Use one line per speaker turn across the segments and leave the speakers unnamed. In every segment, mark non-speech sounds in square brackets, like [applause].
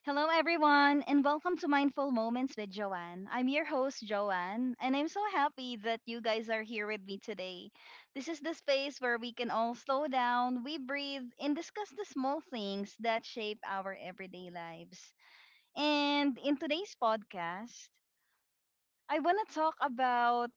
Hello, everyone, and welcome to Mindful Moments with Joanne. I'm your host, Joanne, and I'm so happy that you guys are here with me today. This is the space where we can all slow down, we breathe, and discuss the small things that shape our everyday lives. And in today's podcast, I want to talk about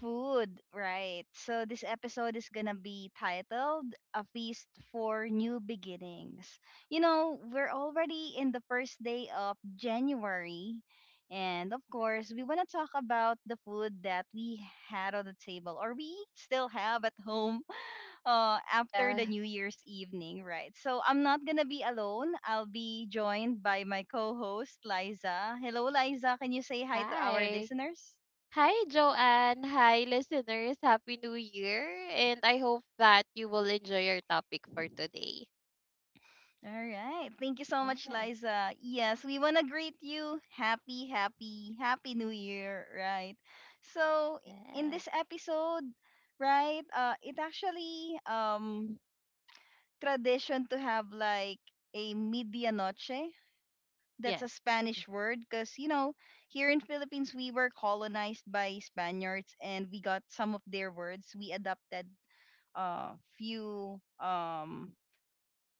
food, right. So this episode is gonna be titled A Feast for New Beginnings. You know, we're already in the first day of January. And of course, we want to talk about the food that we had on the table or we still have at home [laughs] after
Yeah.
the New Year's evening, right? So I'm not going to be alone. I'll be joined by my co host, Liza. Hello, Liza. Can you say hi to our
Hi.
listeners?
Hi, Joanne. Hi, listeners. Happy New Year. And I hope that you will enjoy your topic for today.
All right. Thank you so much,
Yes.
Liza. Yes, we want to greet you. Happy, happy, happy New Year, right? So, in
Yes.
this episode, right, it actually tradition to have like a medianoche. That's a
Yes.
Spanish word because, you know, here in Philippines, we were colonized by Spaniards and we got some of their words. We adopted a few um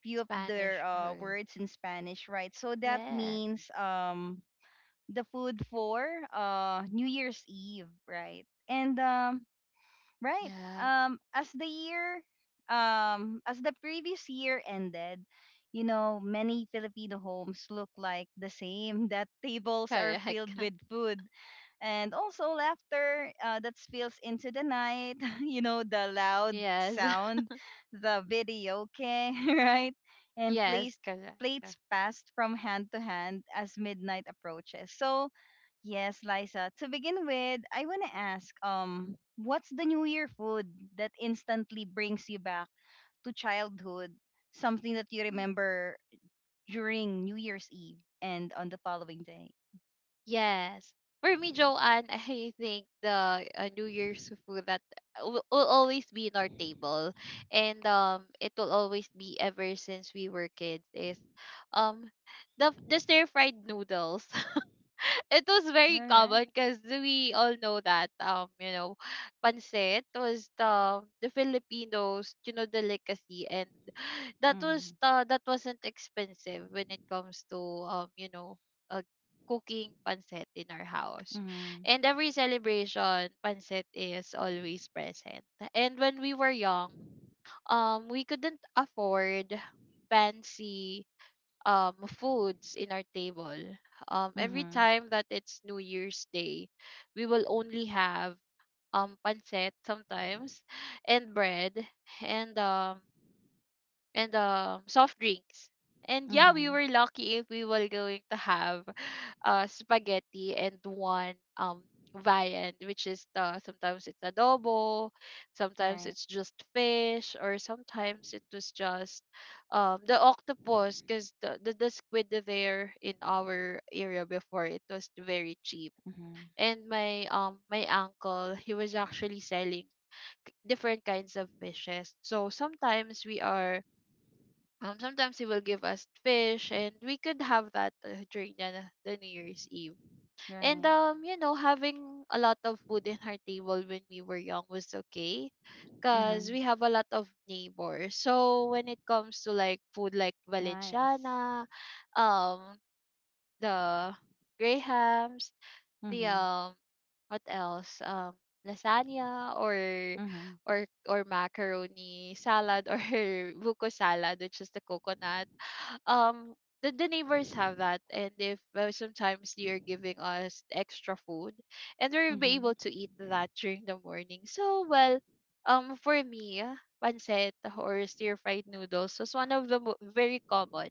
few of their
Spanish word.
words in Spanish, right? So that
Yes.
means the food for New Year's Eve, right? And right,
Yeah.
um, as the year, as the previous year ended, many Filipino homes look like the same. [laughs] That tables are
Correct.
filled with
[laughs]
food, and also laughter that spills into the night. [laughs] you know the loud
Yes.
sound
[laughs]
the video okay [laughs] right and
Yes.
plates
Correct.
plates passed from hand to hand as midnight approaches. So yes, Liza, to begin with, I want to ask what's the New Year food that instantly brings you back to childhood, something that you remember during New Year's Eve and on the following day.
Yes. For me, Joanne, [laughs] I think the New Year's food that will always be in our table, and it will always be ever since we were kids is, um, the stir fried noodles. It was
All
very
right.
common because we all know that pancit was the Filipinos' delicacy, and
Mm-hmm.
that wasn't expensive when it comes to um you know uh, cooking pancit in our house.
Mm-hmm.
And every celebration, pancit is always present, and when we were young we couldn't afford fancy foods in our table. Every
Mhm.
time that it's New Year's Day, we will only have pancit, sometimes, and bread, and um and soft drinks. And yeah, we
Mhm.
were lucky if we were going to have spaghetti and one viand, which is the sometimes it's adobo, sometimes
Right.
it's just fish, or sometimes it was just the octopus, because the, the squid there in our area before, it was very cheap.
Mhm.
And my my uncle, he was actually selling different kinds of fishes. So sometimes we are sometimes he will give us fish, and we could have that during the, New Year's Eve. And
Right.
having a lot of food in our table when we were young was okay, cause
Mhm.
we have a lot of neighbors. So when it comes to like food like
Nice.
Valenciana, um, the Grahams, the
Mhm.
what else, lasagna, or
Mhm.
macaroni salad, or [laughs] buko salad, which is the coconut, um the, neighbors have that, and if sometimes they are giving us extra food, and we'll be able
Mhm.
to eat that during the morning. So well, for me, pancit or stir fried noodles was one of the very common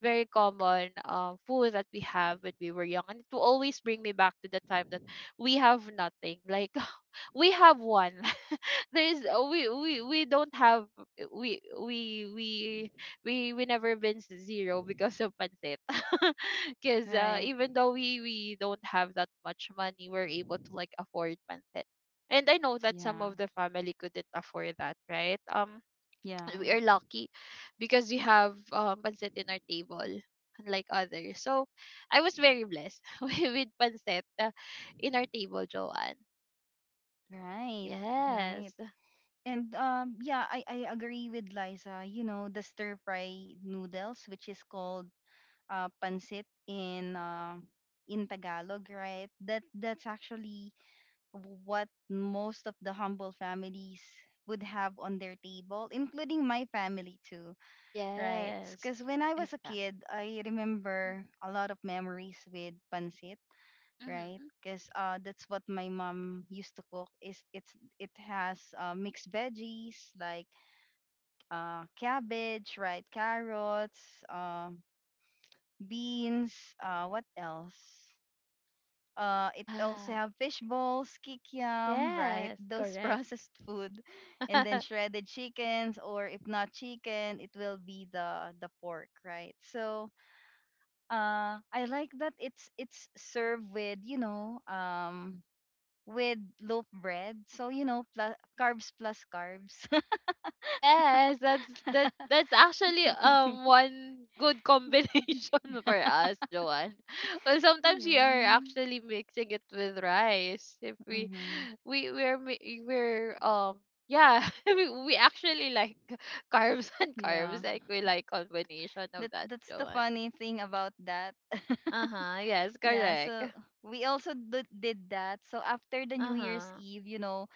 very common food that we have when we were young, and it will always bring me back to the time that we have nothing. Like, [laughs] we have one, there's we don't have, we we we we never been zero because of pancit, [laughs] because
Right.
even though we don't have that much money, we're able to like afford pancit. And I know that some
Yeah.
of the family couldn't afford that, right. [clears throat]
Yeah.
[tsk] We are lucky because we have pancit in our table, unlike others. So I was very blessed [laughs] with pancit, in our table, Joanne.
Right. Right.
Yes.
And yeah, I agree with Liza. You know, the stir fry noodles, which is called pancit in Tagalog, right? That's actually what most of the humble families would have on their table, including my family too. Right.
Yes.
Because when I was a
Exactly.
kid, I remember a lot of memories with pancit, right?
Mm-hmm.
Because that's what my mom used to cook. Is it's it has mixed veggies like cabbage, right? Carrots, uh, beans. What else? It also
Yeah.
have fish balls, kikiam, right?
Yes,
[laughs] Those
correct.
processed food, and then
[laughs]
shredded chickens, or if not chicken, it will be the pork, right? So I like that it's served with with loaf bread, so plus carbs plus carbs.
Yes, that's actually one good combination [laughs] for us, Joanne. [laughs] Well,
[laughs]
sometimes we
yeah.
are actually mixing it with rice. If we
Mm-hmm.
we we're mi- we're, yeah, [laughs] we actually like [laughs] carbs and
Yeah,
carbs. Like we like combination of
that
that,
that's the
Joanne.
funny thing about that.
Uh-huh.
[laughs]
Yes,
yeah.
correct.
So we also did that. So after the New Year's
Uh-huh.
Eve,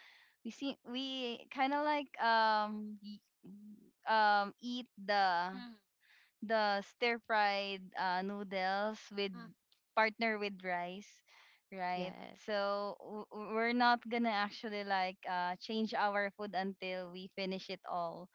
we kind of like eat the stir fried noodles with partner with rice, right?
Yes,
So we're not gonna actually like change our food until we finish it all,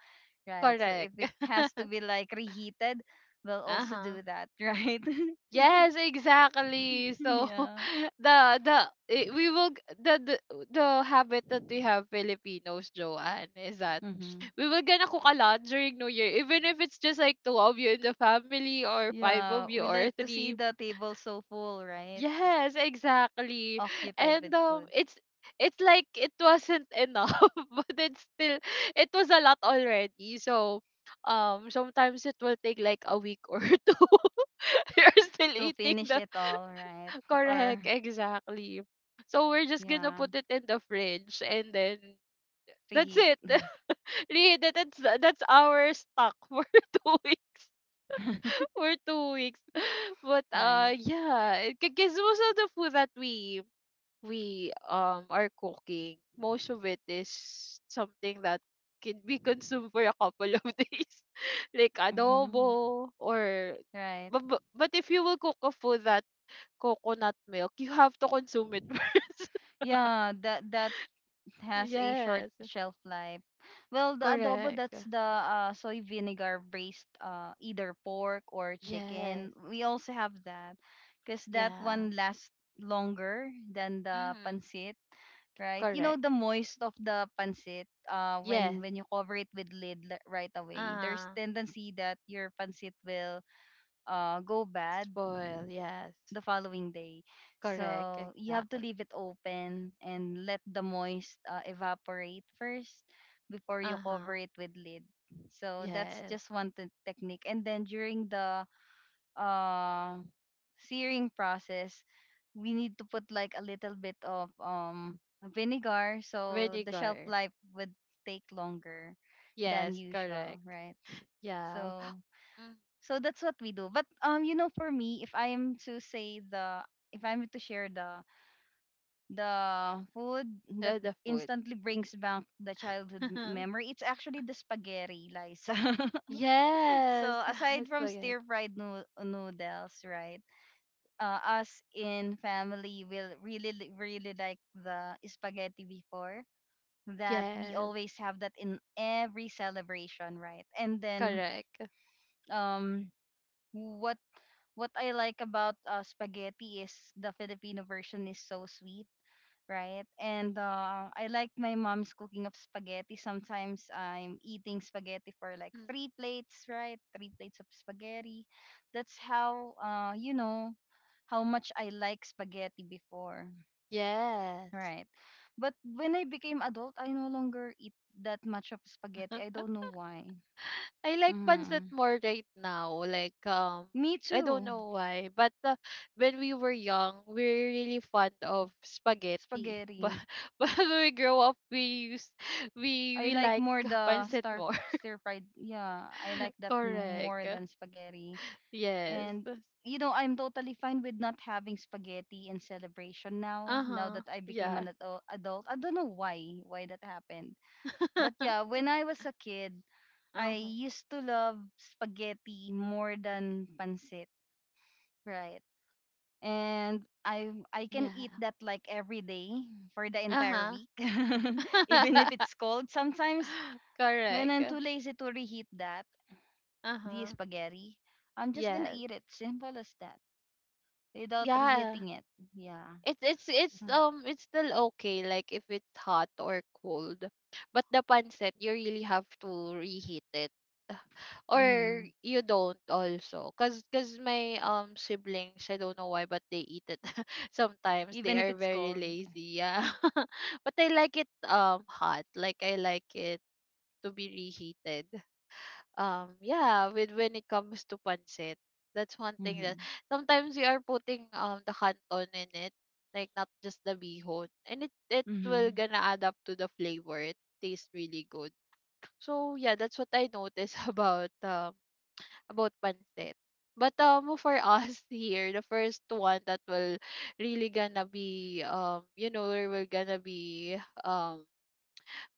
right? So if
correct.
it has to
[laughs]
be like reheated, we'll also
Uh-huh.
do that, [laughs] right?
Yes, exactly.
[laughs]
So
yeah.
[laughs] the the eh, we will g- the, the the habit that we have Filipinos, Joanne, is that
Mm-hmm.
we will gonna cook a lot during New Year, even if it's just like two of you in the family, or five
Yeah,
of you,
we
or
like to see
three.
the table so full, right?
Yes, exactly.
Occupied
And
with food
it's like it wasn't enough, [laughs] but it's still, it was a lot already. So sometimes it will take like a week or [laughs] two. [laughs] You're still
to
eating
finish
the
it all, right? Or
correct, exactly. So we're just gonna
yeah,
put it in the fridge, and then that's
reheat,
it. [laughs] Really, that's our stock for [laughs] 2 weeks.
[laughs]
For 2 weeks. But
right?
yeah, because most of the food that we are cooking, most of it is something that can be consumed for a couple of [laughs] days, like
Mm-hmm.
adobo, or.
Right.
But if you will cook a food that coconut milk, you have to consume it [laughs] first.
Yeah, that has a short
Yes,
shelf life. Well, the adobo,
correct.
that's the soy vinegar based either pork or
Yes,
chicken. We also have that because that
yeah.
one lasts longer than the
Mm-hmm.
pancit, right? You know
Correct.
the moist of the pancit
Yes.
when you cover it with lid right away. There's
Uh
tendency that your pancit will go bad
Spoil. Yes.
the following day.
Correct.
So you have to
Exactly.
leave it open and let the moist evaporate first before you
Uh huh.
cover it with lid. So that's
Yes.
just one technique. And then during the uh, searing process, we need to put like a little bit of vinegar so the shelf
Vinegar.
life would take longer than
Yes,
usual,
correct.
right?
Yeah.
So
Mm,
so that's what we do. But for me, if I am to say the if I'm to share the food that
the food.
instantly brings back the childhood
[laughs]
memory, it's actually the spaghetti, Liza. [laughs]
Yes.
so
[laughs]
aside
It's
from
so good.
stir fried noodles, right? Us in family will really like the spaghetti before, that we
Yes,
always have that in every celebration, right? And then
correct.
um what what I like about spaghetti is the Filipino version is so sweet, right? And I like my mom's cooking of spaghetti. Sometimes I'm eating spaghetti for like
Mm.
three plates, right? Three plates of spaghetti. That's how much I like spaghetti before,
Yes.
right? But when I became adult, I no longer eat that much of spaghetti. I don't know why.
I like pancit
Mm.
more right now. Like,
Me
I don't
too,
know why, but when we were young, we are really fond of spaghetti. [laughs] But
spaghetti.
but when we grow up, we use
I
we
like
like
more the
pancit
star
more.
stir fried. Yeah, I
[laughs]
like that more
Correct.
than spaghetti.
Yes.
And I'm totally fine with not having spaghetti in celebration now. Now
Uh-huh.
that I became
Yeah.
an adult, I don't know why that happened. But yeah,
[laughs]
when I was a kid, I
Uh-huh.
used to love spaghetti more than pancit, right? And I can
Yeah.
eat that like every day for the entire
Uh-huh.
week, [laughs] even if
[laughs]
it's cold sometimes when
Correct.
I'm too lazy to reheat that, the
Uh-huh.
spaghetti, I'm just gonna
Yes.
eat it. Simple as that. Without
Yeah.
reheating it. Yeah.
It's it's it's
So,
um it's still okay, like if it's hot or cold. But the pancit, you really have to reheat it, or
mm,
you don't also, cuz my siblings, I don't know why, but they eat it, [laughs] sometimes they
even if
are
it's
very
cold.
lazy. Yeah. [laughs] But I like it hot. Like, I like it to be reheated. Yeah, with when it comes to pancit, that's one thing that
Mm-hmm.
sometimes we are putting the canton in it, like not just the bihon, and it will
Mm-hmm.
gonna add up to the flavor. It tastes really good. So yeah, that's what I noticed [laughs] about pancit. But for us, [laughs] here, the first one that will really gonna be, we're gonna be um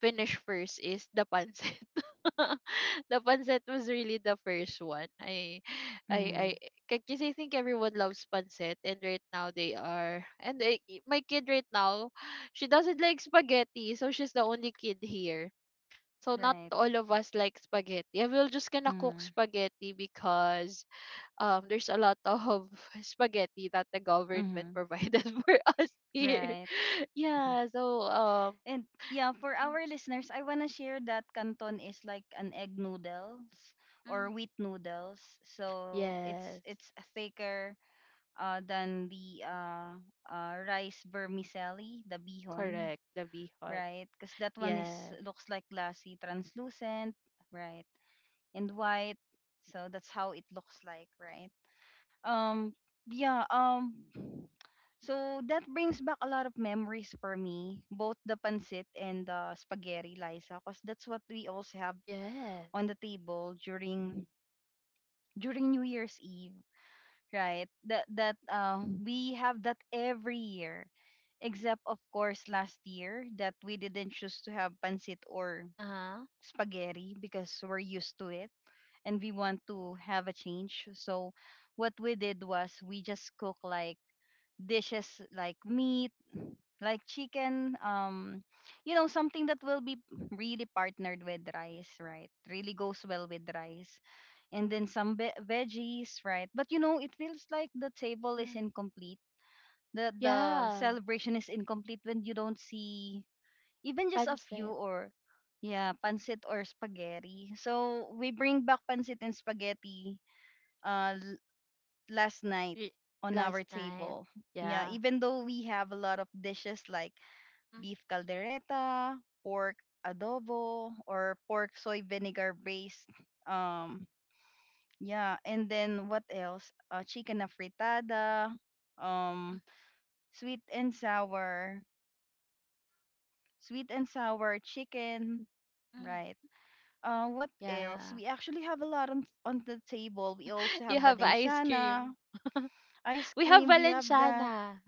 finish first, is the pancit. [laughs] The pancit was really the first one. I, I,
Mm-hmm.
because I think everyone loves pancit, and right now they are. And my kid right now, she doesn't like spaghetti, so she's the only kid here. So not
Right.
all of us like spaghetti. And we're just gonna cook
Mm-hmm.
spaghetti because there's a lot of [laughs] spaghetti that the government
Mm-hmm.
provided [laughs] for us here.
Right.
[laughs]
Mhm.
Yeah, so
And yeah, for
mm,
our listeners, I wanna share that canton is like an egg noodles or
mm.
wheat noodles. So it's
Yes,
it's thicker than the rice vermicelli, the bihon,
correct. The bihon.
right? Because that one is
Yes,
looks like glassy, translucent, right? And white. So that's how it looks like, right? Um yeah, so that brings back a lot of memories for me, both the pancit and the spaghetti, Liza, because that's what we also have
yes.
on the table during New Year's Eve, right? That we have that every year, except of course last year, that we didn't choose to have pancit or
Uh huh.
spaghetti because we're used to it and we want to have a change. So what we did was we just cook like dishes like meat, like chicken, something that will be really partnered with rice, right? Really goes well with rice. And then some veggies, right? But it feels like the table is
Mm.
incomplete. The
Yeah,
celebration is incomplete when you don't see even just a few
pancit.
or yeah, pancit or spaghetti. So we bring back pancit and spaghetti uh l- last night
Y-
on
Last
our
night.
table. Yeah,
Yeah,
even though we have a lot of dishes like
mm,
beef caldereta, pork adobo, or pork soy vinegar based, um yeah, and then what else? Chicken na fritada,
mm,
um sweet and sour, sweet and sour chicken,
mhm,
right? What else?
yeah.
We actually have a lot on the table. We also
[laughs]
have
You have ice
badenshana,
cream.
ice
We have
cream. We have that.
Valenciana.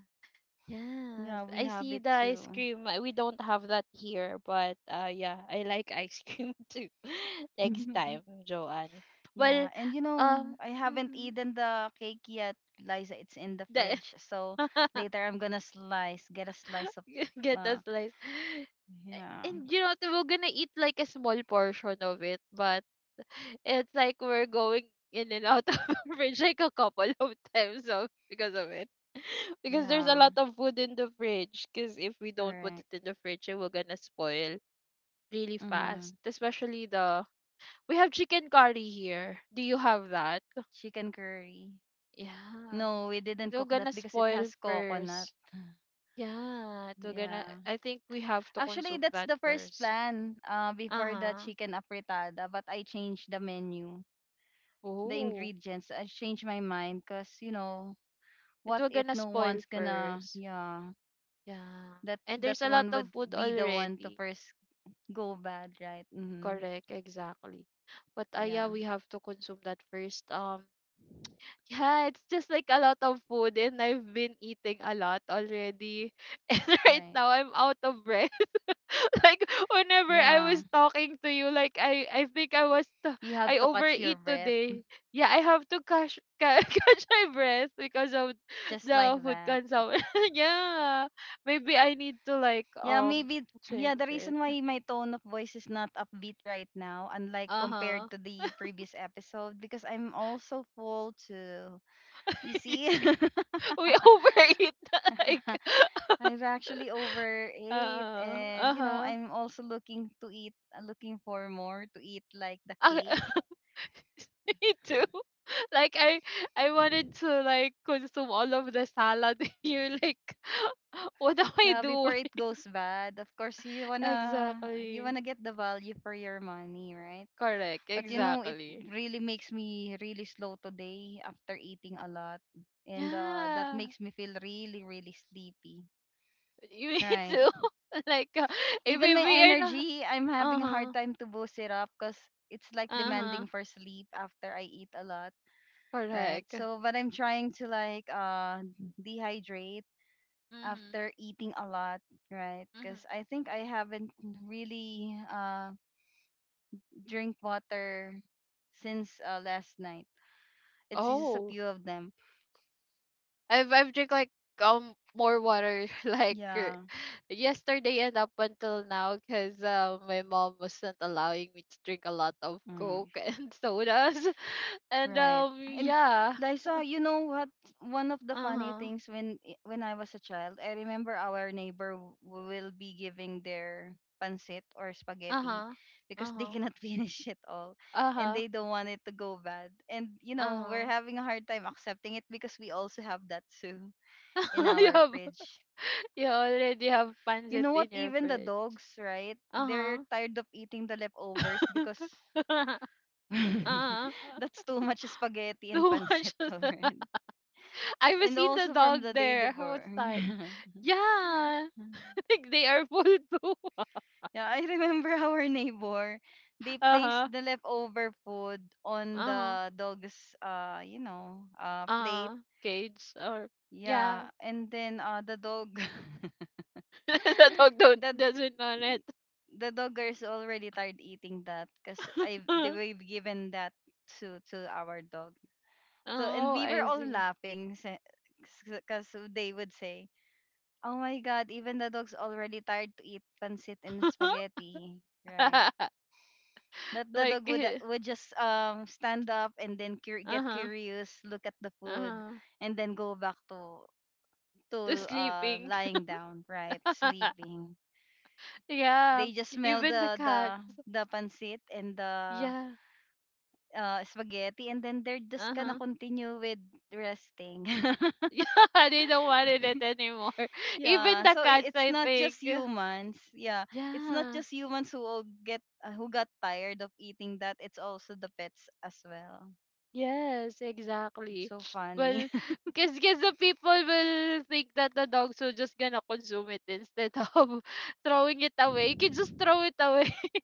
Yes,
Yeah, we
I
have
see
it
the ice
too.
cream. We don't have that here, but yeah, I like ice cream [laughs] too. [laughs] Next time,
[laughs]
Joanne. Well,
yeah, and
um,
I haven't
mhm,
eaten the cake yet, Liza. It's in the
the
fridge, so
[laughs]
later I'm gonna slice, get a slice of.
[laughs] get a
Uh,
slice.
yeah,
And you know what? We're gonna eat like a small portion of it, but it's like we're going in and out of [laughs] the fridge like a couple of times. So because of it, [laughs] because there's a
yeah,
lot of food in the fridge. Because if we don't put
correct.
it in the fridge, it will gonna spoil really
Mm-hmm.
fast. Especially the, we have chicken curry here. Do you have that?
Chicken curry.
Yeah,
No, we didn't
it'll
cook that
gonna
because it
spoil
has coconut.
first. Yeah, it'll gonna.
Yeah.
I think we have to
Actually,
consume
that's
that
the first
first.
plan before the
Uh-huh.
chicken afritada, but I changed the menu, the
Oh,
ingredients. I changed my mind because,
it
what
will
if
gonna
no
spoil
one's gonna,
first.
yeah,
Yeah.
that
And
that
there's a lot
one
of
would
food
be the one to
already.
first go bad, right? Mm-hmm.
Correct, exactly. But
Yeah,
yeah, we have to consume that first. [laughs] Yeah, it's just like a lot of food, and I've been eating a lot already. [laughs] And right
right.
now, I'm out of breath. [laughs] Like whenever I was
Yeah,
talking to you, like I think
you have
I
to catch your
overeat
breath
today. Yeah, I have to catch [laughs] catch my breath because of
just like
the food
that.
consumption. [laughs] Yeah, maybe I need to like
Yeah, maybe yeah,
change
the
it.
reason why my tone of voice is not upbeat right now, unlike
Uh huh.
compared to the previous episode, because I'm also full too. You see?
[laughs] We
[laughs]
overeat, [laughs] like, [laughs]
I've actually overate and
uh
I'm also looking to eat looking for more to eat like the
huh.
cake.
[laughs] [laughs] Me too. [laughs] Like I wanted to like consume all of the salad. [laughs] You're like, [laughs] what am I
Yeah, before
doing?
it goes bad. Of course
[laughs]
you
Exactly.
wanna get the value for your money, right?
Correct.
But you know, it
Exactly.
really makes me really slow today after eating a lot. And that
Yeah.
makes me feel really, really sleepy.
[laughs] Me
Right.
too. [laughs] Like if
Even
we
my
we are not.
energy, I'm
Uh
having a hard
huh.
time to boost it up because it's like
Uh huh.
demanding for sleep after I eat a lot. Right.
Correct.
So, but I'm trying to like dehydrate
Mhm.
after eating a lot. Right.
Mhm.
Because I think I haven't really drink water since last night. It's just a
Oh.
few of them
I've drink like more water [laughs] like,
Yeah.
yesterday and up until now, because my mom wasn't allowing me to drink a lot of
Mm,
coke [laughs] and sodas, [laughs] and
right. And
yeah.
Liza, you know what? One of the
Uh
funny
huh.
things when I was a child, I remember our neighbor w- will be giving their pancit or
Uh
spaghetti
huh.
because
Uh
they
huh.
cannot [laughs] finish it all
Uh
and
huh.
they don't want it to go bad. And you
Uh
know, we're
huh.
having a hard time accepting it because we also have that too in
[laughs] you
our
have
fridge.
you already have
You
pancit
know
in
what?
your
Even the
fridge.
dogs, right?
Uh
They're
huh.
tired of eating the leftovers because
[laughs] Uh
[laughs]
huh.
that's too much spaghetti and
Too
pancit
much.
[laughs]
[laughs]
already.
I have
And
seen the
also
dog
from the day
there
before.
outside.
[laughs]
Yeah, [laughs] think they are full too. [laughs]
Yeah, I remember [laughs] our neighbor. They placed
Uh-huh.
the leftover food on
Uh-huh.
the dog's, plate.
Uh-huh. Cage, or
Yeah,
yeah.
and then the dog,
[laughs] The
[laughs]
dog don't
the
doesn't want it.
the dog is already tired eating that because I they were
[laughs]
given that to our dog. So and
Oh,
we were
I
all
see.
laughing because they would say, "Oh my God, even the dog's already tired to eat pancit and
[laughs]
spaghetti." Right. That the
Like,
dog would would just stand up and then get
uh-huh.
curious, look at the food,
Uh-huh.
and then go back to to
The sleeping.
lying down, right,
[laughs]
sleeping.
Yeah.
They just smell
Even the
the
cat.
the the pancit and the
Yeah.
spaghetti, and then they're just gonna
Uh-huh. [laughs]
continue with resting.
Yeah, they don't want it
[laughs]
anymore. [laughs] Even
Yeah,
the
so
cats,
it's
I
not
think.
just humans. Yeah, it's not
Yeah.
just humans who will get who got tired of eating that. It's also the pets as well.
Yes,
It's
exactly.
so funny.
Well,
[laughs]
because the people will think that the dogs are just gonna consume it instead [laughs] of throwing it away. You can just throw it away. [laughs]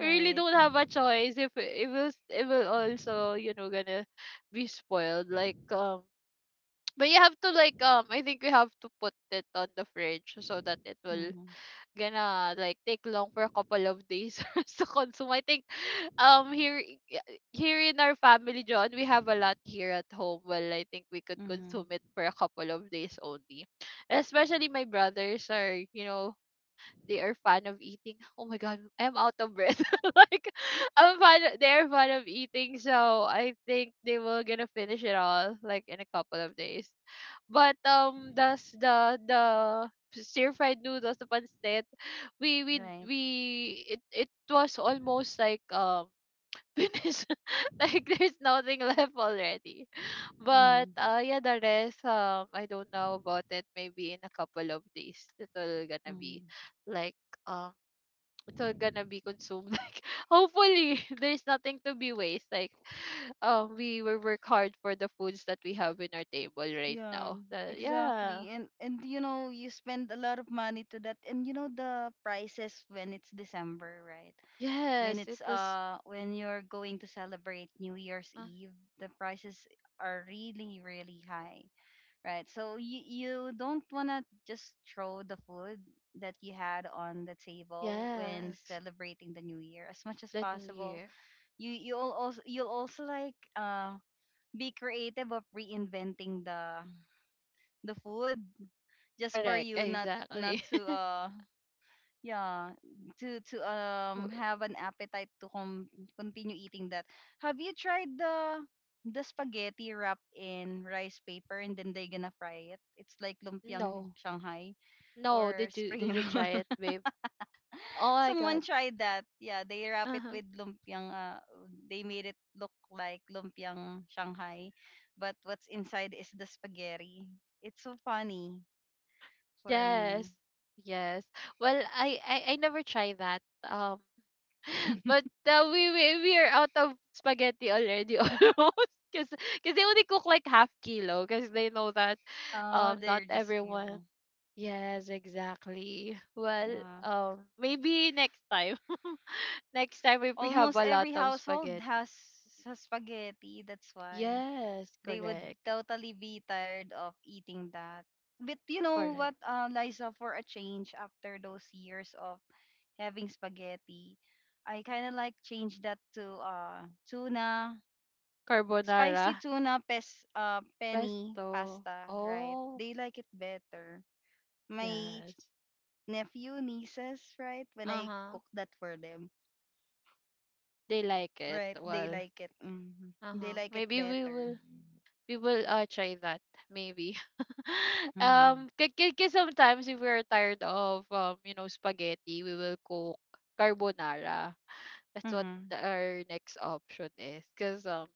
You really don't have a choice. If it will also, gonna be spoiled. Like, but you have to like, I think we have to put it on the fridge so that it will
Mm-hmm.
gonna like take long for a couple of days [laughs] for us to consume. I think um here i- i- here in our family, John, we have a lot here at home. Well, I think we could
Mm-hmm.
consume it for a couple of days only, especially my brothers are, you know, they are fan of eating. Oh my god, I'm out of breath [laughs] like I'm fan they're fan of eating, so I think they will gonna finish it all like in a couple of days. But that's the stir fried noodles, the pancit, we we
Right.
we it was almost like [laughs] finish. [laughs] Like there's nothing [laughs] left already. But
Mm-hmm.
yeah, the rest, I don't know about it. Maybe in a couple of days it'll gonna be
Mm-hmm.
like um it's all gonna be consumed. [laughs] Like hopefully [laughs] there's nothing to be waste. Like [sighs] we will work hard for the foods that we have in our table right
Yeah,
now. The, yeah.
exactly. And you know, you spend a lot of money to that. And you know the prices when it's December, right? When
Yes, it
it's
was
when you're going to celebrate New Year's
uh,
Eve, the prices are really really high, right? So you don't wanna just throw the food that you had on the table when
yes.
celebrating the new year as much as
The new
possible.
year.
You'll also like be creative of reinventing the food just for
Correct,
you not
exactly.
to
[laughs]
yeah, to
W-
have an appetite to continue eating that. Have you tried the spaghetti wrapped in rice paper and then they are gonna fry it? It's like
no.
lumpiang Shanghai
No,
or
did you did
spring
you
roll.
try it,
[laughs]
babe? Oh my
Someone
god.
tried that. Yeah, they wrap it
Uh-huh.
with lumpiang. They made it look like lumpiang Shanghai, but what's inside is the spaghetti. It's so funny for me.
Yes. Yes. Well, I never try that. [laughs]
[laughs]
But we are out of spaghetti already [laughs] almost. Cause because they only cook like half kilo because they know that
Oh,
not
they're just
everyone.
few.
Yes, exactly. Well,
Yeah.
maybe next time. [laughs] Next time if we have
Almost
a lot
every
of
household [laughs]
spaghetti,
has spaghetti. That's why
yes,
they would
correct.
totally be tired of eating that. But you know what,
Correct.
Liza, for a change after those years of having spaghetti, I kind of like change that to tuna,
Carbonara.
spicy tuna pes penny
Pesto.
pasta, right?
Oh,
They like it better. My
yes.
nephew, nieces, right? When I
Uh-huh.
cook that for them,
They like it.
right, they
Well,
like it. Mhm. They
uh-huh,
like it
maybe we
better.
will we will try that maybe. [laughs]
Mm-hmm.
Because sometimes if we're tired of you know spaghetti, we will cook carbonara. That's what
Mm-hmm.
our next option is, because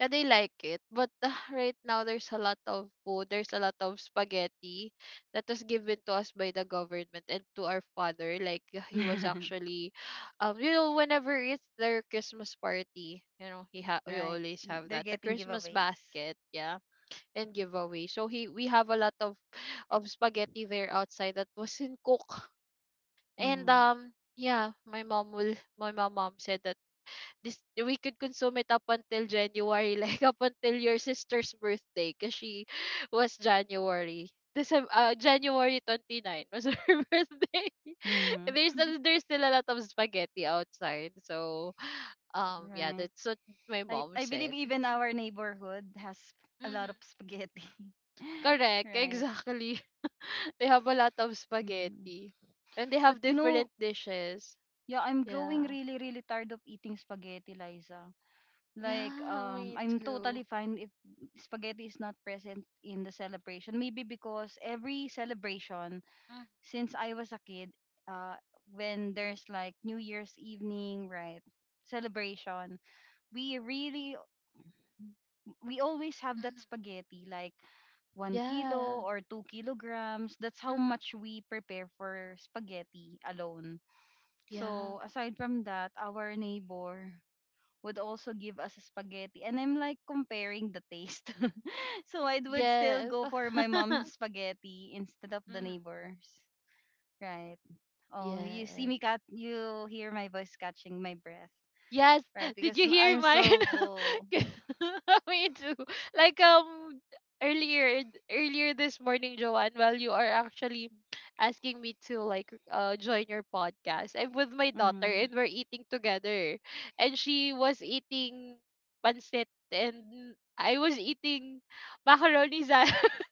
and they like it. But [laughs] right now, there's a lot of food. There's a lot of spaghetti that was given to us by the government and to our father. Like he was
[laughs]
actually, [sighs] you know, whenever it's their Christmas party, you know, he
Right.
always have
They're
that the
getting
Christmas
giveaways.
basket, yeah, and giveaway. So he we have a lot of [sighs] of spaghetti there outside that wasn't cooked, and
Mm-hmm.
um. Yeah, my mom said that this we could consume it up until January, [laughs] like up until your sister's birthday, cause she [laughs] was January. December, January 29 was [laughs] her birthday. [laughs]
Mm-hmm.
There's still a lot of spaghetti outside, so yeah,
Right.
that's what my mom
I believe
said.
even our neighborhood has a lot of
Hmm.
spaghetti. [laughs]
Correct,
Right.
exactly. [laughs] They have a lot of
Hmm.
spaghetti, and they
But
have
you know,
different dishes.
yeah, I'm growing
Yeah,
really, really tired of eating spaghetti, Liza. Like,
yeah, me
I'm
too.
totally fine if spaghetti is not present in the celebration. Maybe because every celebration
Hmm.
since I was a kid, uh, when there's like New Year's evening, right? Celebration, we really, we always have that spaghetti, like 1 kilo
Yeah.
or 2 kilograms. That's how
Mm-hmm.
much we prepare for spaghetti alone.
Yeah.
So, aside from that, our neighbor would also give us spaghetti. And I'm like comparing the taste. [laughs] So, I would still
Yes.
go for my mom's
[laughs]
spaghetti instead of the
Hmm.
neighbor's. Right. Oh, you see
Yes.
me cat you hear my voice catching my breath,
Yes.
right?
[laughs] Did
Because
you hear
I'm
mine?
so full.
[laughs] Me too. Like earlier earlier this morning, Joanne, while you are actually asking me to like join your podcast, I'm with my daughter
Hmm.
and we're eating together. And she was eating pancit and I was eating macaroni salad. [laughs]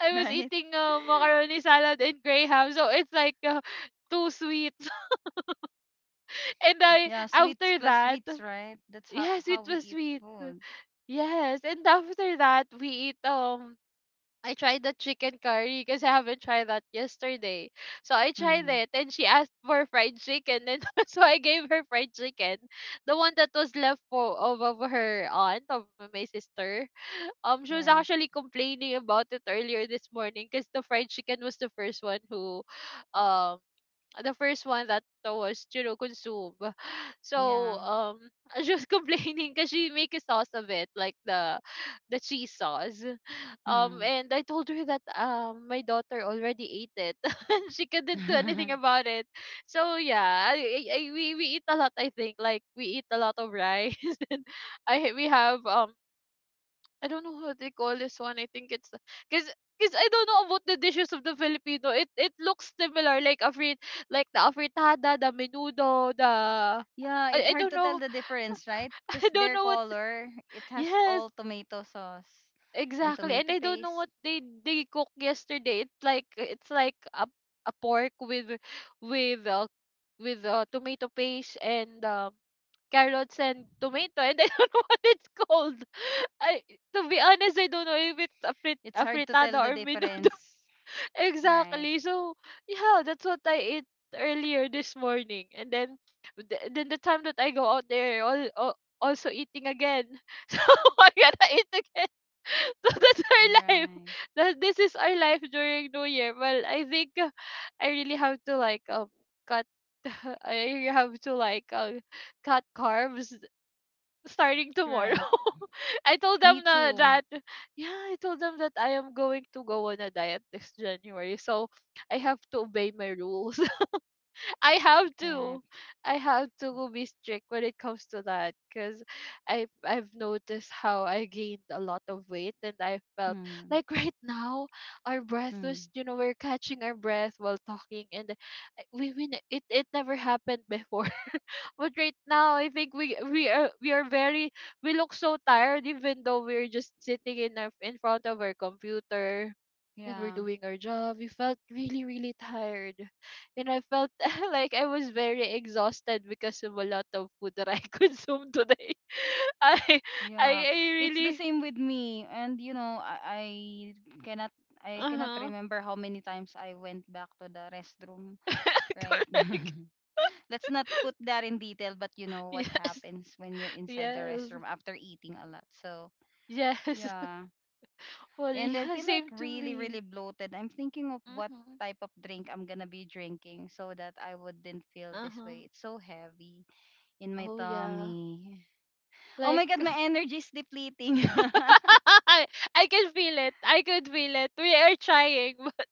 I
[laughs]
was
Right?
eating
[laughs]
macaroni salad and graham, so it's like two sweets. [laughs] And I
Yeah, sweets
after
plus
that,
sweets, right? That's
yes, it
how we
was
eat
sweet.
food.
Yes, and after that we eat. I tried the chicken curry because I haven't tried that yesterday. So I tried
Hmm.
it and she asked for fried chicken and [laughs] so I gave her fried chicken. The one that was left for of her aunt, of my sister. She was
Right.
actually complaining about it earlier this morning because the fried chicken was the first one who, um, the first one that was you know consumed. So
Yeah.
[laughs] she was complaining because she make a sauce of it, like the cheese sauce.
Mm.
And I told her that my daughter already ate it. [laughs] And she couldn't do anything
[laughs]
about it. So yeah, I we eat a lot. I think like we eat a lot of rice. [laughs] And I we have um. I don't know how they call this one. I think it's because because I don't know about the dishes of the Filipino. It looks similar, like like the afritada, the menudo, the
Yeah, it's
I
hard
don't
to tell
know.
the difference, right?
[laughs] I
Because
don't
their
know what.
color, it has
Yes,
all tomato sauce and
exactly. And
tomato
I don't know
paste.
what they cooked yesterday. It's like a pork with with uh, with tomato paste and carrots and tomato, and I don't [laughs] know what it's called. I, to be honest, I don't know if it's
It's
a
hard to
fritada
tell the
or menudo.
difference.
[laughs]
Right.
Exactly. So, yeah, that's what I ate earlier this morning. And then, then the time that I go out there, all also eating again. [laughs] So, I gotta eat again. [laughs] So that's our life.
Right.
That this is our life during New Year. Well, I think I really have to like cut. [laughs] I really have to like cut carbs starting tomorrow.
Right.
[laughs] I told them
Me
na,
too.
that, yeah, I told them that I am going to go on a diet this January. So I have to obey my rules. [laughs] I have
Right.
to. I have to be strict when it comes to that because I've noticed how I gained a lot of weight and I felt
Mhm.
like [laughs] right now our breath was
Mm,
you know we're catching our breath while talking, and it it never happened before. But right now, I think we are very, we look so tired even though we're just sitting in in front of our computer and we're
yeah,
doing our job. We felt really really tired, and I felt [laughs] like I was very exhausted because of a lot of food that I [laughs] consumed today. [laughs] I I
yeah.
I
It's the
really.
same with me, and you know, cannot, I
Uh
cannot
huh.
remember how many times I went back to the restroom.
[laughs]
Right? [laughs]
Correct.
Let's not put that in detail, but you know what
Yes,
happens when you're inside the
yes,
restroom after eating a lot. So
yes. [laughs]
yeah,
Well,
and I
yeah,
feel like
same to
really,
me.
really bloated. I'm thinking of what
Mhm.
type of drink I'm gonna be drinking so that I wouldn't feel
Uh
this
huh.
way. It's so heavy in my
Oh yeah.
tummy. Oh my God, my
Like
energy is depleting. [laughs]
[laughs] I can feel it. I could feel it. We are trying, [laughs] but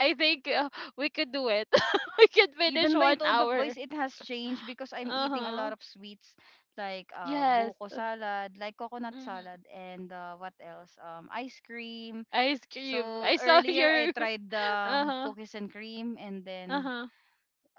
I think we could do it. [laughs] We could finish
Even my
one
tone of
hour.
voice, it has changed because I'm
Uh
eating a lot
huh.
of sweets like
Yes.
buko salad, like coconut
Mm-hmm.
salad, and what else? Ice cream.
Ice cream.
So
I saw
earlier, I
your. [laughs]
tried the
Uh huh.
cookies and cream, and
Uh
then
huh.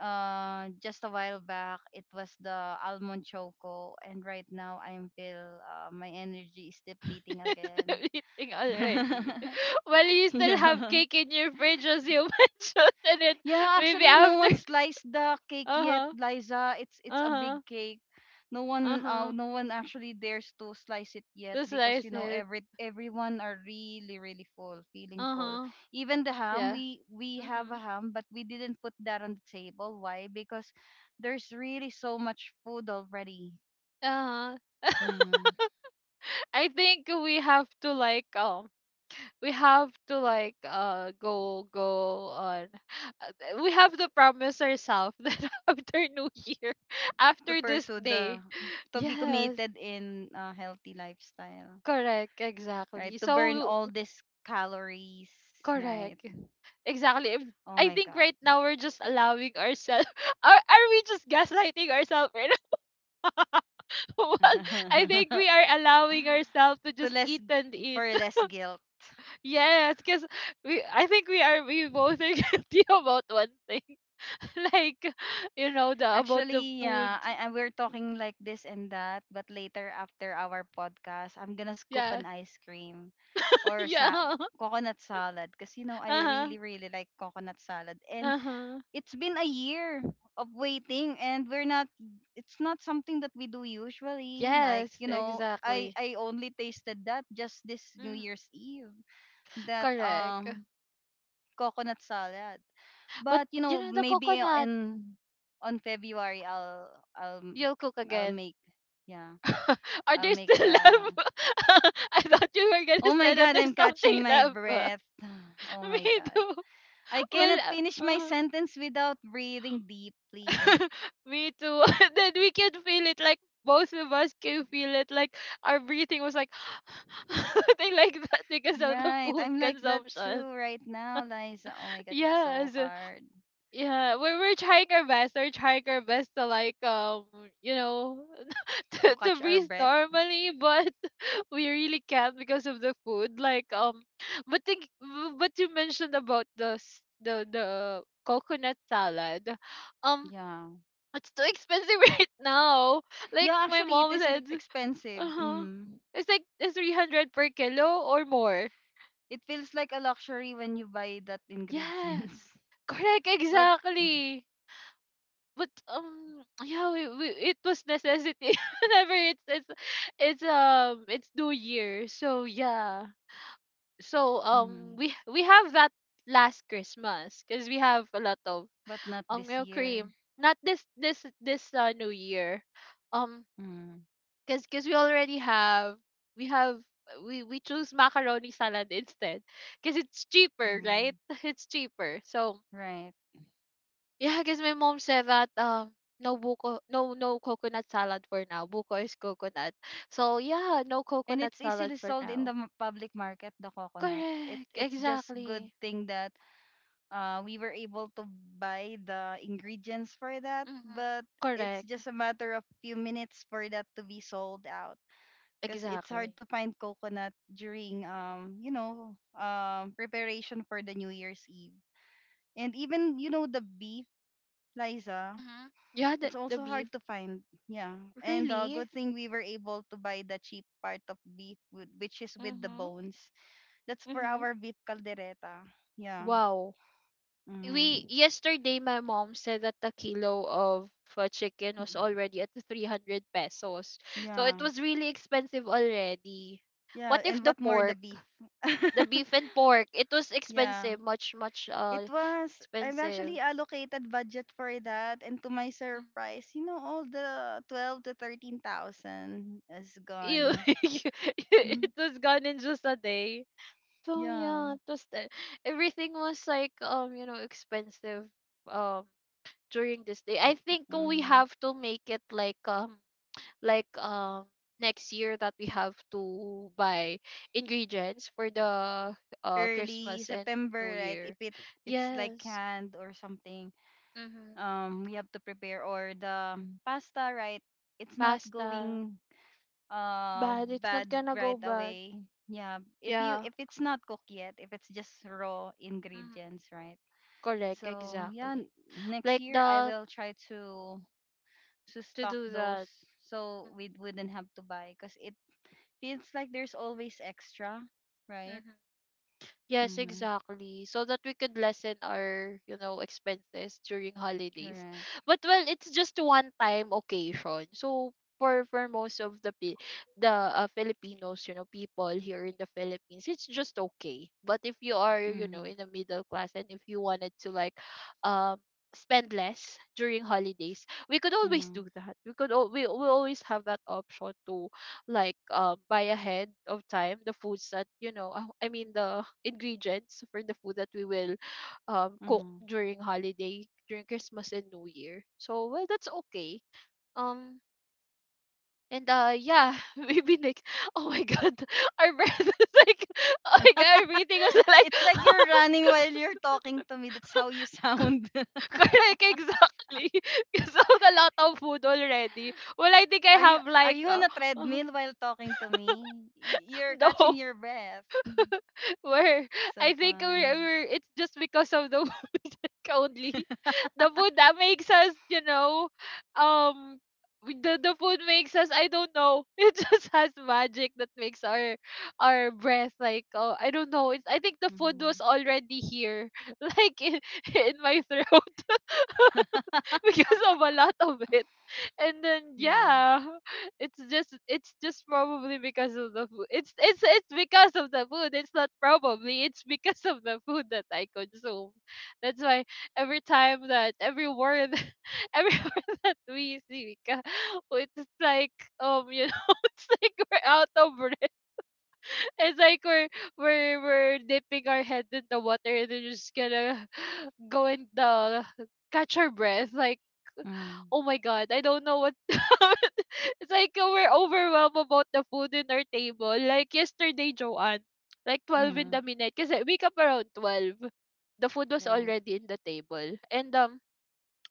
just a while back, it was the almond choco, and right now, I am feel my energy is depleting
[laughs]
again.
Everything already.
[laughs]
[laughs] Well, you still have
Yeah.
cake in your fridge as you [laughs] mentioned, and then
Yeah,
maybe
actually, no
after.
one
[laughs]
sliced the cake
Uh
yet,
huh.
Liza. It's a
Uh huh.
big cake. No
Uh
one,
huh.
no one actually dares to slice it yet
That's what I
because you know
said.
every everyone are really really full, feeling
Uh
full.
huh.
Even the ham,
Yeah.
we have a
Mm-hmm.
ham, but we didn't put that on the table. Why? Because there's really so much food already.
Uh huh. [laughs]
Mm,
I think we have to like we have to like go on. [laughs] We have to promise ourselves that [laughs] after New Year, [laughs]
to
after this
pursue the
day,
to be
yes,
committed in a healthy lifestyle,
correct,
right?
exactly.
To burn
So
all these calories, right?
correct, exactly.
Oh
I
my
think
god.
right now we're just allowing ourselves, [laughs] are we just gaslighting ourselves right now? [laughs] Well, I think we
[laughs]
are allowing ourselves to
To
just
less
eat and eat.
for less guilt.
Yes, because we I think we both are [laughs] guilty about one thing. [laughs] Like, you know, the about the
Actually,
food.
yeah, I we're talking like this and that, but later after our podcast, I'm gonna scoop
Yes.
an ice cream
[laughs]
or sa
Yeah.
coconut salad because you know I
Uh-huh.
really really like coconut salad and
Uh-huh.
it's been a year of waiting and we're not it's not something that we do usually like
Yes,
you know
exactly.
I only tasted that just this New
Mhm.
Year's Eve that
Correct.
coconut salad.
But
But you
you
know,
know the
maybe
coconut,
in on February I'll
you'll cook
I'll
again.
make yeah,
[laughs] Are
I'll
there
make
still
the
left? [laughs] I thought you were
Oh
gonna
my
say that
god,
there's
I'm catching
something
my
left.
breath. [sighs]
[laughs]
Oh my
Me
god.
too.
I
Well,
cannot finish my
uh-huh.
sentence without breathing deeply.
[laughs] Me too. [laughs] And then we can feel it like both of us can feel it like our breathing was like [laughs] something like that because of the
Right.
food
I'm like that
consumption.
too right now, Liza. Oh my
[laughs]
god, it's so
Yes.
hard
Yeah. We're trying our best. We're trying our best to like you know [laughs]
to
to
catch our
breathe
breath.
normally, but [laughs] we really can't because of the food. Like but think but you mentioned about the coconut salad. Um.
Yeah.
It's too expensive [laughs] right now. Like
Yeah,
my
actually it
mom
is
said,
expensive.
uh-huh,
Mm.
it's like the 300 per kilo or more.
It feels like a luxury when you buy that
Yes.
ingredients.
Correct,
[laughs] But
exactly. But yeah, we it was necessity [laughs] whenever it's it's New Year. So yeah. So
mm,
we have that last Christmas because we have a lot of
but not this
milk
year.
cream. Not this this this New Year. Um.
Mm,
Cause we already have, we have we choose macaroni salad instead, cause it's cheaper,
mm,
right? [laughs] It's cheaper. So
right.
yeah, cause my mom said that no coconut salad for now. Buko is coconut. So yeah, no
And
coconut
it's
salad
easily
for
sold in the
now.
public market, the coconut. It
Correct.
it's just good
Exactly.
thing that we were able to buy the ingredients for that,
Mm-hmm.
but it's
Correct.
just a matter of few minutes for that to be sold out because it's
Exactly.
hard to find coconut during you know preparation for the New Year's Eve. And even you know the beef, Liza,
Mm-hmm. Yeah,
it's
the
also
beef.
hard to find. Yeah. And
Really?
good thing we were able to buy the cheap part of beef, which is with the
Mm-hmm.
bones. That's for
Mm-hmm.
our beef caldereta. Yeah.
Wow. We
Mm.
yesterday my mom said that the kilo of chicken was already at 300 pesos, so it
Yeah.
was really expensive already. What
Yeah.
if
And
the
what more the
pork,
beef? [laughs]
the beef and pork, it was
Yeah.
expensive, much much
It was, I've
expensive.
actually allocated budget for that. And to my
Mm.
surprise, you know, all the 12 to 13,000 is
You.
gone.
[laughs] It was
[laughs]
gone in just a day. So
Yeah.
yeah, everything was like you know expensive. Um. During this day I think we
Mm-hmm.
have to make it like next year that we have to buy ingredients for the
Early
Christmas and New
September, right? If
Year.
it it's like
Yes.
canned or something,
Mm-hmm.
we have to prepare or the pasta, right? It's not
Pasta.
going uh
Bad. It's not
bad
gonna go
right
bad.
away. Yeah, if you
Yeah.
if it's not cooked yet, if it's just raw
Mm-hmm.
ingredients, right?
Correct.
So yeah,
Exactly.
next
Like
year I
the
will try to
to
stock
do
those
that.
so we wouldn't have to buy because it feels like there's always extra, right?
Mm-hmm. Yes,
Mm-hmm.
exactly. So that we could lessen our, you know, expenses during holidays.
Correct.
But well, it's just one time occasion. So for most of the Filipinos, you know, people here in the Philippines, it's just okay. But if you are, you know,
Mm-hmm.
in the middle class and if you wanted to like um spend less during holidays, we could always do
Mm-hmm.
that. We always have that option to like buy ahead of time the foods that I mean the ingredients for the food that we will cook
Mhm.
during holiday, during Christmas and New Year. So well, that's okay. Um and yeah, [laughs] maybe Nick, oh my god, [laughs] our breath is like, [laughs] oh my god,
[laughs]
everything was like,
It's like you're
[laughs]
running while you're talking to me. That's how you
c-
sound. [laughs]
correct, exactly. [laughs] Because of the lot of food already. Well, I think I
are you
have
are
like
you on a
[laughs]
treadmill while talking to me? You're catching
no,
your breath. [laughs]
[laughs] we're
So
I think we're,
funny.
we're it's just because of the [laughs] only. The food that makes us, you know, um, the food makes us. I don't know. [laughs] It just has magic that makes our breath like. Oh, I don't know. It's. I think the food
Mhm.
was already here, [laughs] like in my throat.
[laughs]
[laughs] Because of a lot of it, and then
Yeah.
yeah, [laughs] it's just probably because of the food, it's because of the food, it's not probably, it's because of the food that I consume. That's why every time that every word, [laughs] every word that we see Mika, it's like you know, [laughs] it's like we're out of breath, it's like we're we're dipping our head in the water, and then we're just gonna [sighs] [laughs] go and catch our breath like,
Mhm.
oh my god, I don't know what. [laughs] It's like we're overwhelmed about the food in our table. Like yesterday, Joanne, like 12 in
Mhm.
the midnight. Because I wake up around 12. The food was
Right.
already in the table. And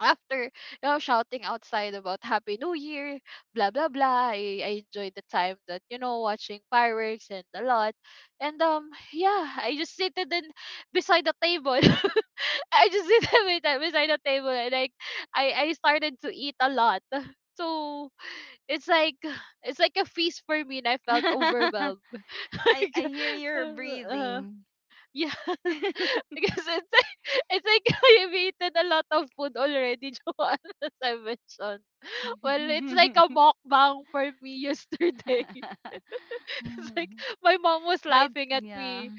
after you know, shouting outside about Happy New Year, blah blah blah. I enjoyed the time that, you know, watching fireworks and a lot. And yeah, I just seated in beside the table. [laughs] I just sit [laughs] with that beside the table, and like I started to eat a lot. [laughs] So it's like, it's like a feast for me and I felt overwhelmed. [laughs]
[laughs]
Like
I hear your
uh,
breathing.
yes. [laughs]
[laughs]
Because it's like, it's like, [laughs] I've eaten a lot of food already, [laughs] Joanne, as I mentioned. Well, it's like a mukbang for me yesterday. [laughs] It's like my mom was
By
laughing at
yeah.
me.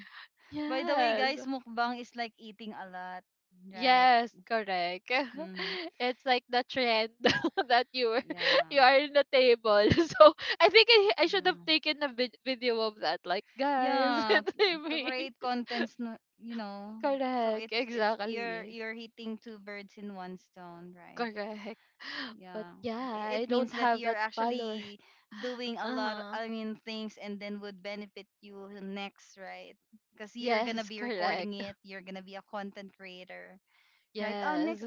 By the way,
Yes.
guys, mukbang is like eating a lot, right?
Yes, correct.
Hmm.
[laughs] It's like the trend [laughs] that you were, [laughs]
Yeah.
you are in the table. [laughs] So I think I should have
Yeah.
taken a video of that. Like, guys, [laughs]
Yeah,
it's like
to
me.
create contents, you know. So
Correct,
it's you're
exactly.
you're hitting two birds in one stone, right?
Correct. [laughs] But
Yeah.
yeah, I
It
don't
means that
have that
you're
follower.
actually doing a
Uh
lot,
huh.
I mean, things and then would benefit you next, right? Because you're gonna
Yes,
be
correct.
recording it,
[laughs]
you're gonna be a content creator, right?
Yes.
Next,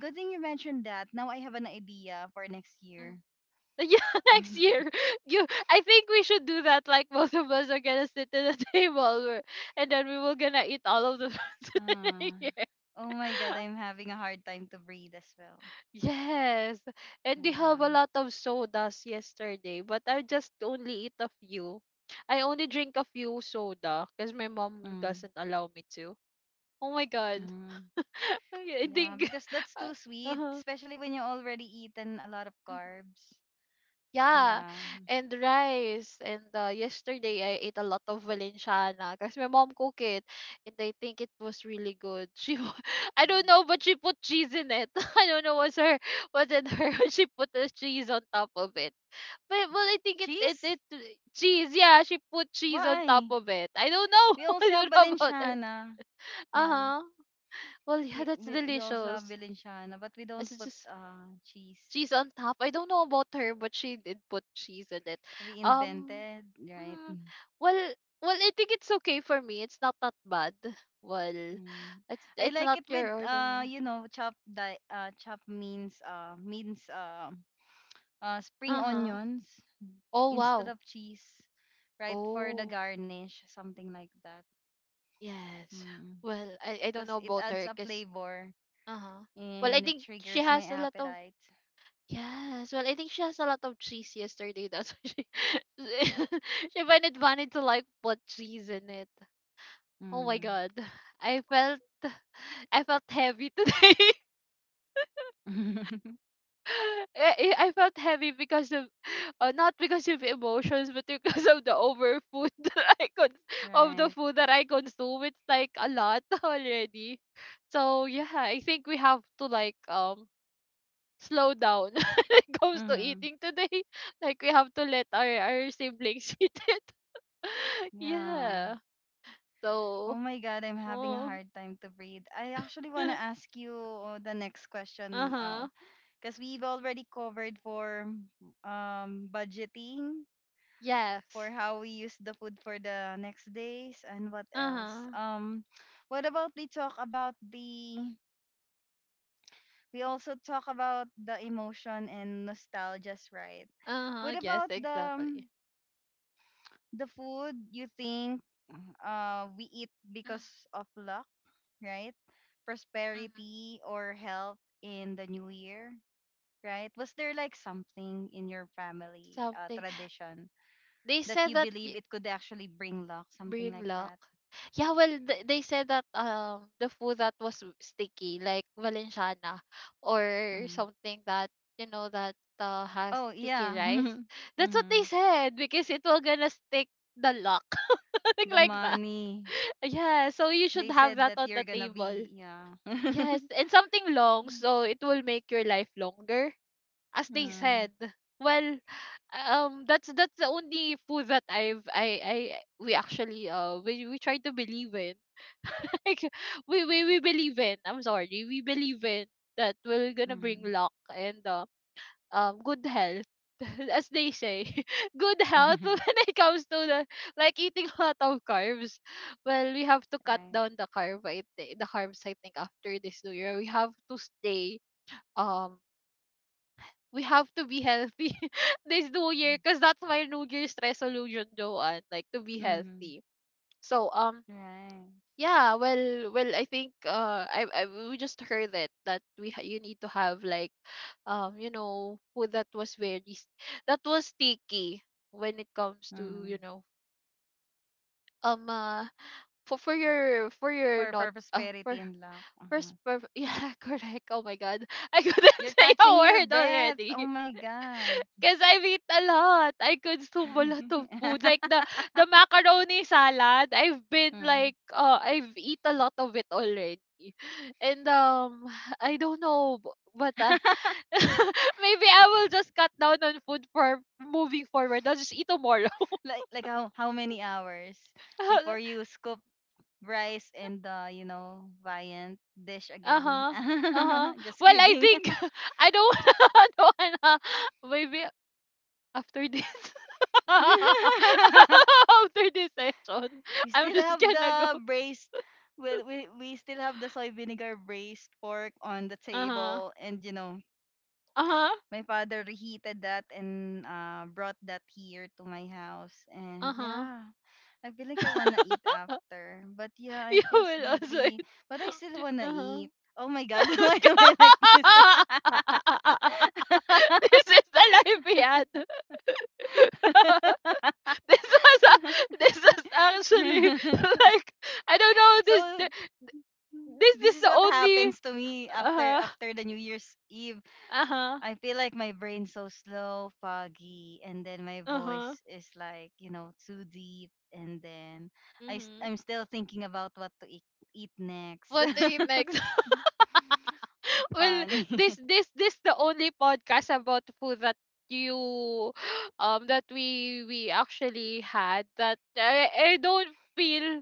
good thing you mentioned that. Now I have an idea for next year.
[laughs] Yeah, next year.
[laughs]
You, I think we should do that. Like [laughs] both of us are gonna sit at a [laughs] table, and then we will gonna eat all of the foods.
Ah.
[laughs] Yeah.
Oh my God, I'm having a hard time to breathe as well.
Yes, and they have a
Yeah.
lot of sodas yesterday, but I just only eat a few. I only drink a few soda because my mom
Mm,
doesn't allow me to. Oh my god!
mhm.
[laughs] I
Yeah,
think.
because that's too
[laughs]
sweet,
Uh
especially when you already eaten a lot of
huh.
carbs.
Yeah,
Yeah.
and rice. And yesterday I ate a lot of Valenciana because my mom cooked it, and I think it was really good. [laughs] I don't
Mhm.
know, but she put cheese in it. [laughs] I don't know what's her, what's in her. [laughs] She put the cheese on top of it. But well, I think it, it,
Cheese?
it, cheese. Yeah, she put cheese on top
Why?
of it. I don't know.
We
[laughs]
also
I
have
don't know about her.
Valenciana.
Uh
Yeah.
huh. Well, yeah,
We,
that's
we we also have
delicious.
Valenciana, but we don't
It's
put
just
cheese.
cheese on top. I don't know about her, but she did put cheese in it. Um,
Reinvented, right?
mm,
Mm.
well, well, I think it's okay for me. It's not that bad. Well,
Mm. I
it's
like
not
it with
your ordinary.
you know chopped means means spring
Uh huh.
onions,
Oh
instead
wow.
of cheese, right? For the
Oh
garnish, something like that.
yes. Well, I don't
Because
know
it
about
adds
her,
a
cause
flavor
uh huh. Well, I
and it
think she
triggers my
has a lot of
appetite.
yes. Well, I think she has a lot of cheese yesterday. [laughs] That's why she [laughs] she find it funny to like put cheese in it. Oh my
Mm.
god. I felt [laughs] I felt heavy today.
[laughs]
[laughs] I felt heavy because of not because of emotions but because of the over food [laughs] of the
Right.
food that I consume. It's like a lot [laughs] already. So yeah, I think we have to like slow down [laughs] when it comes to
Mm.
eating today. [laughs] Like we have to let our siblings [laughs] eat it. [laughs]
Yeah.
Yeah.
Oh
So
my God, I'm having a
oh.
hard time to breathe. I actually want to
[laughs]
ask you the next question. Oh,
Uh-huh.
because we've already covered for budgeting for
Yes.
how we use the food for the next days and what else.
Uh-huh.
What about we talk about the we also talk about the emotion and nostalgias, right?
Uh-huh.
What
Yes,
about
exactly.
the food you think we eat
Mm,
because of luck, right?
mhm.
Prosperity or health in the new year, right? Was there like something in your family
Something.
tradition
They
that
said
you
that
believe
y-
it could actually bring luck, something
bring
like
luck.
that?
Yeah, well, they said that the food that was sticky, like Valenciana, or
Mm-hmm.
something that you know that has
Oh
sticky
yeah.
rice.
[laughs]
That's what
Hmm.
they said, because it will gonna stick the luck, [laughs] something
The
like that.
money.
[laughs] Yeah, so you should
They
have
said
that
that
on
you're
the
gonna
table.
be, yeah. [laughs]
Yes, and something long, so it will make your life longer, as they
Mm.
said. Well, that's the only food that I we actually we try to believe in, [laughs] like we believe in, I'm sorry, we believe in that we're gonna bring
Mm-hmm.
luck and good health. [laughs] As they say, [laughs] good health [laughs]
[laughs]
when it comes to the like eating a lot of carbs. Well, we have to cut
Right.
down the carb, the carbs, I think after this new year we have to stay um we have to be healthy [laughs] this new year because that's my new year's resolution, Joanne, like to be
Mm-hmm.
healthy. So
Right.
yeah, well I think I we just heard it that you need to have like you know food that was that was sticky when it comes to
Mm-hmm.
you know um uh, for your, for your not
For prosperity
for
and luck. Uh-huh.
[laughs] yeah correct, oh my god, I couldn't
You're
[laughs] say a
catching your
word
breath. Oh
already.
my god.
'Cause I've eat a lot. I consume a lot of food. Like
[laughs]
the macaroni salad, I've been
Mm.
like I've eat a lot of it already. And [sighs] I don't know, but
[laughs]
[laughs] maybe I will just cut down on food for moving forward. I'll just eat tomorrow.
Like how many hours before
[laughs]
you scoop rice and the you know Viant dish again?
Uh-huh. Uh-huh.
[laughs] Just
Well, I
kidding.
think [laughs] I don't [laughs] I don't wanna, maybe after this, [laughs]
[laughs]
after this session,
we
I'm
still
just
have
gonna go.
the braised we still have the soy vinegar braised pork on the
Uh-huh.
table, and you know
Uh-huh.
my father reheated that and brought that here to my house. And
Uh-huh.
yeah, I feel like I wanna eat
[laughs]
after, but yeah I
You
feel
will also
sleepy,
eat.
but I still wanna
Uh-huh.
eat. Oh my god. [laughs] Why am I like this? [laughs]
[laughs] This is the life we had. [laughs] This was a, this was actually [laughs] like I don't know
[laughs]
this
So
this
this
is
is
the
what
only
happens to me after
uh-huh.
the New Year's Eve.
Uh-huh.
I feel like my brain's so slow, foggy, and then my
Uh-huh.
voice is like, you know, too deep, and then
Mhm.
I'm still thinking about what to eat, next.
What did
[laughs]
you make? Well,
Funny.
this the only podcast about food that you [gasps] that we actually had that I don't feel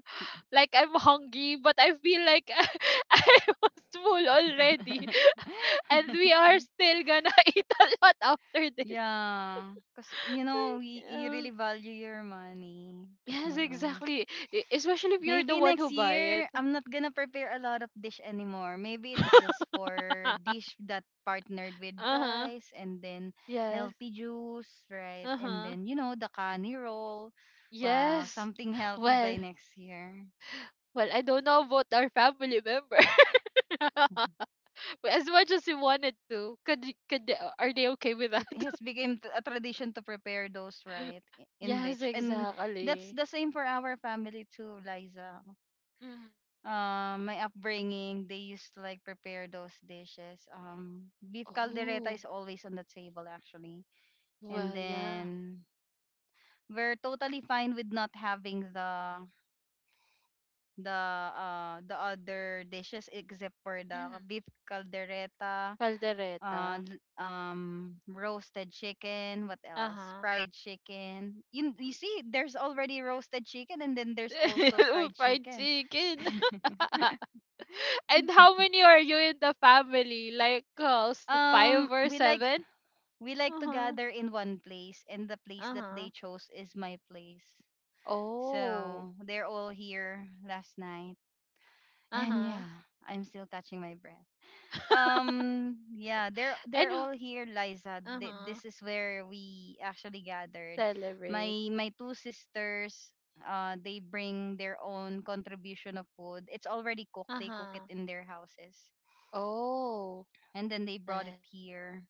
like I'm hungry but I feel like [laughs] I was full already.
[laughs]
[laughs] And we are still gonna [laughs] eat a lot after this.
Yeah, because you
[laughs]
know,
Like
you really value your money.
yes, exactly. Especially if you're the
Maybe
one who
next
buy it.
year, I'm not gonna prepare a lot of dish anymore. Maybe it's just
[laughs]
for dish that partnered with
Uh-huh.
rice, and then
Yes.
healthy juice, right? And
Uh-huh.
then, you know, the kani roll. Wow,
Yes.
something healthy by
Well,
next year.
well, I don't know about our family member. [laughs] As much as we wanted to, could could they, are they okay with that?
It has
[laughs]
become a tradition to prepare those, right? In
Yes,
which, and that's
exactly.
the same for our family too, Liza.
Mhm.
Um, my upbringing, they used to like prepare those dishes. Um, beef caldereta
Oh,
is always on the table actually, and
well, yeah.
then we're totally fine with not having the the other dishes except for the
Mhm.
beef caldereta. uh
Caldereta.
l- um roasted chicken, what else,
Uh-huh.
fried chicken. You see there's already roasted chicken, and then there's also
[laughs]
fried
Fried
chicken.
chicken. [laughs] And how many are you in the family? Like
um
five or
we like
seven?
We like to
Uh-huh.
gather in one place, and the place that
Uh-huh.
they chose is my place.
Oh.
So they're all here last night, [laughs] and
Uh-huh.
yeah, I'm still catching my breath. Yeah, they're
And
they're all here, Liza.
uh-huh.
This is where we actually gathered. My
Celebrate.
my two sisters, they bring their own contribution of food. It's already cooked. They cook it
Uh-huh.
in their houses,
Oh,
and then they brought it
that
here.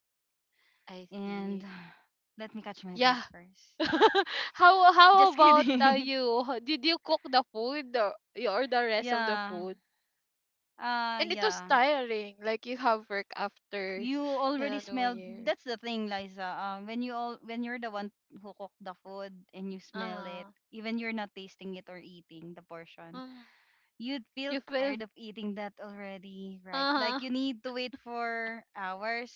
I
And
see.
[sighs] let me catch my breath
Yeah.
first.
[laughs] How
Just
about
kidding. [laughs]
you? Did you cook the food, or or the rest of the
Yeah.
food?
Uh,
And it was
yeah.
tiring. Like you have work after,
You
you
already
know, New
smell.
Year.
That's the thing, Liza. Um, when you're the one who cook the food and you smell it,
Uh-huh.
even you're not tasting it or eating the portion,
Mm,
you'd feel
you feel
tired of eating that already, right? Like
uh-huh.
you need to wait for hours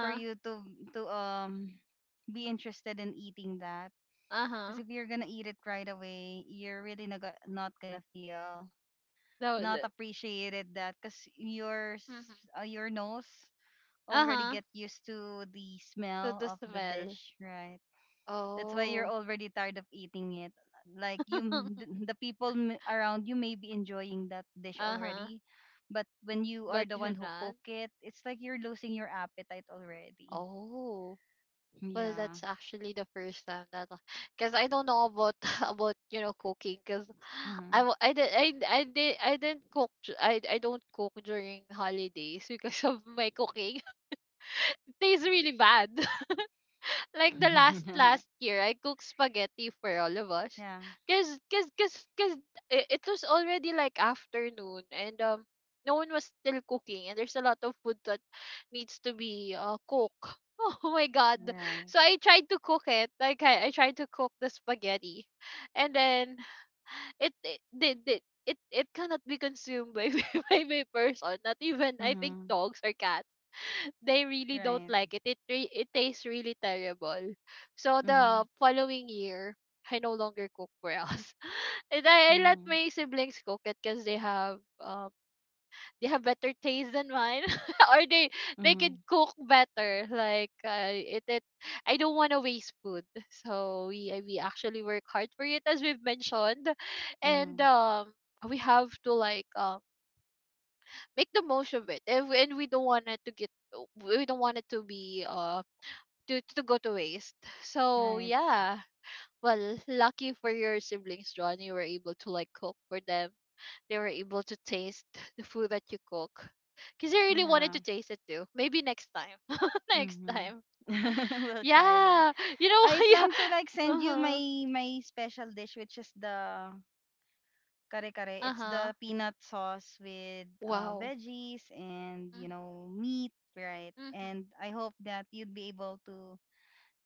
for you to to um be interested in eating that. Because
Uh-huh.
if you're gonna eat it right away, you're really not gonna feel not
The,
appreciated that, because
mm-hmm.
your nose already
Uh-huh.
get used to the
So
smell
the
of the
smell.
dish, right? That's why you're
Oh.
already tired of eating it. Like
[laughs]
the people around you may be enjoying that dish
Uh-huh.
already, but when you are
But
the
you're
one who
not.
cook it, it's like you're losing your appetite already.
Oh. Well,
Yeah.
that's actually the first time that, because I don't know about [laughs] about you know cooking, because I
Mhm.
wa- I did I didn't cook I don't cook during holidays because of my cooking [laughs] tastes really bad, like the last last
[laughs]
year I cooked spaghetti for all of us,
Yeah.
cuz cuz cuz cuz it was already like afternoon and no one was still cooking and there's a lot of food that needs to be cooked. [laughs] Oh my god.
Right.
So I tried to cook it, like I tried to cook the spaghetti, and then it cannot be consumed by [laughs] by person, not even I think
Mm-hmm.
dogs or cats. They really don't
Right.
like it. It tastes really terrible. So
Mm-hmm.
the following year, I no longer cook for us. [laughs] And I let
Mm-hmm.
my siblings cook it because they have better taste than mine, [laughs] or they can
Mm-hmm.
cook better. Like it it I don't want to waste food, so we actually work hard for it as we've mentioned, and
Mm-hmm.
we have to like make the most of it, and, and we don't want it to get. We don't want it to be to go to waste. So
Right.
yeah. Well, lucky for your siblings, John, you were able to like cook for them. They were able to taste the food that you cook. Cause they really wanted
Yeah.
to taste it too. Maybe next time. [laughs] Next
Mm-hmm.
time. [laughs]
[laughs] We'll try that.
Yeah. You know what?
I
[laughs] Yeah.
plan to like send you
Uh-huh.
my my special dish, which is the kare kare. It's
Uh-huh.
the peanut sauce with
Wow.
veggies and
Mm-hmm.
you know meat, right?
Mm-hmm.
And I hope that you'd be able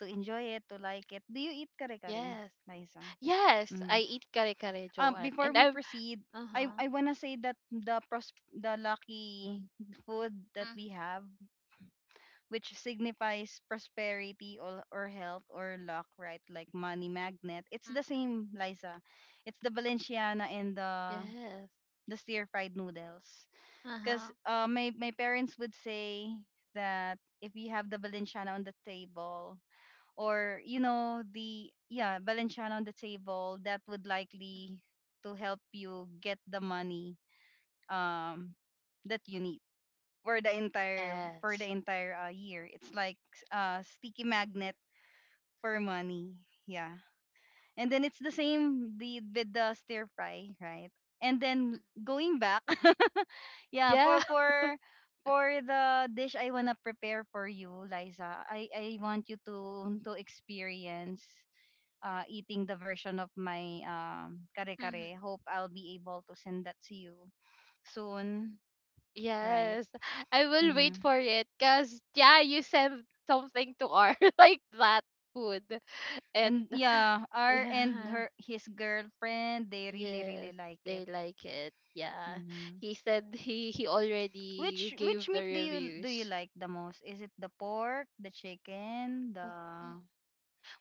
to enjoy it, to like it. Do you eat kare kare,
Yes.
Liza?
Yes. I
Mm.
eat kare kare, Joanne.
Before
And
we
I'm
proceed, I
uh-huh.
I wanna say that the lucky food that
Mm-hmm.
we have which signifies prosperity, or health or luck, right? Like money magnet. It's the same, Liza. It's the Valenciana and
Yes.
the stir fried noodles.
Uh-huh.
Because my my parents would say that if you have the Valenciana on the table, or you know the yeah Valenciana on the table, that would
Mm-hmm.
likely to help you get the money um that you need for the entire
Yes.
year. It's like sticky magnet for money. Yeah. And then it's the same the with the stir fry, right? And then going back, [laughs] yeah,
Yeah.
for the dish I wanna prepare for you, Liza, I want you to experience eating the version of my kare
Hmm.
kare. Hope I'll be able to send that to you soon, right?
Yes. I will wait
Mm-hmm.
for it because, yeah, you send something to our [laughs] like that food.
And
And
yeah, R and
yeah.
her his girlfriend, they really really
Yes.
like
They
it.
like it. Yeah.
Hmm.
He said he already
Which
gave the
meat do you
reviews.
like the most? Is it the pork, the chicken,
Mm, mm.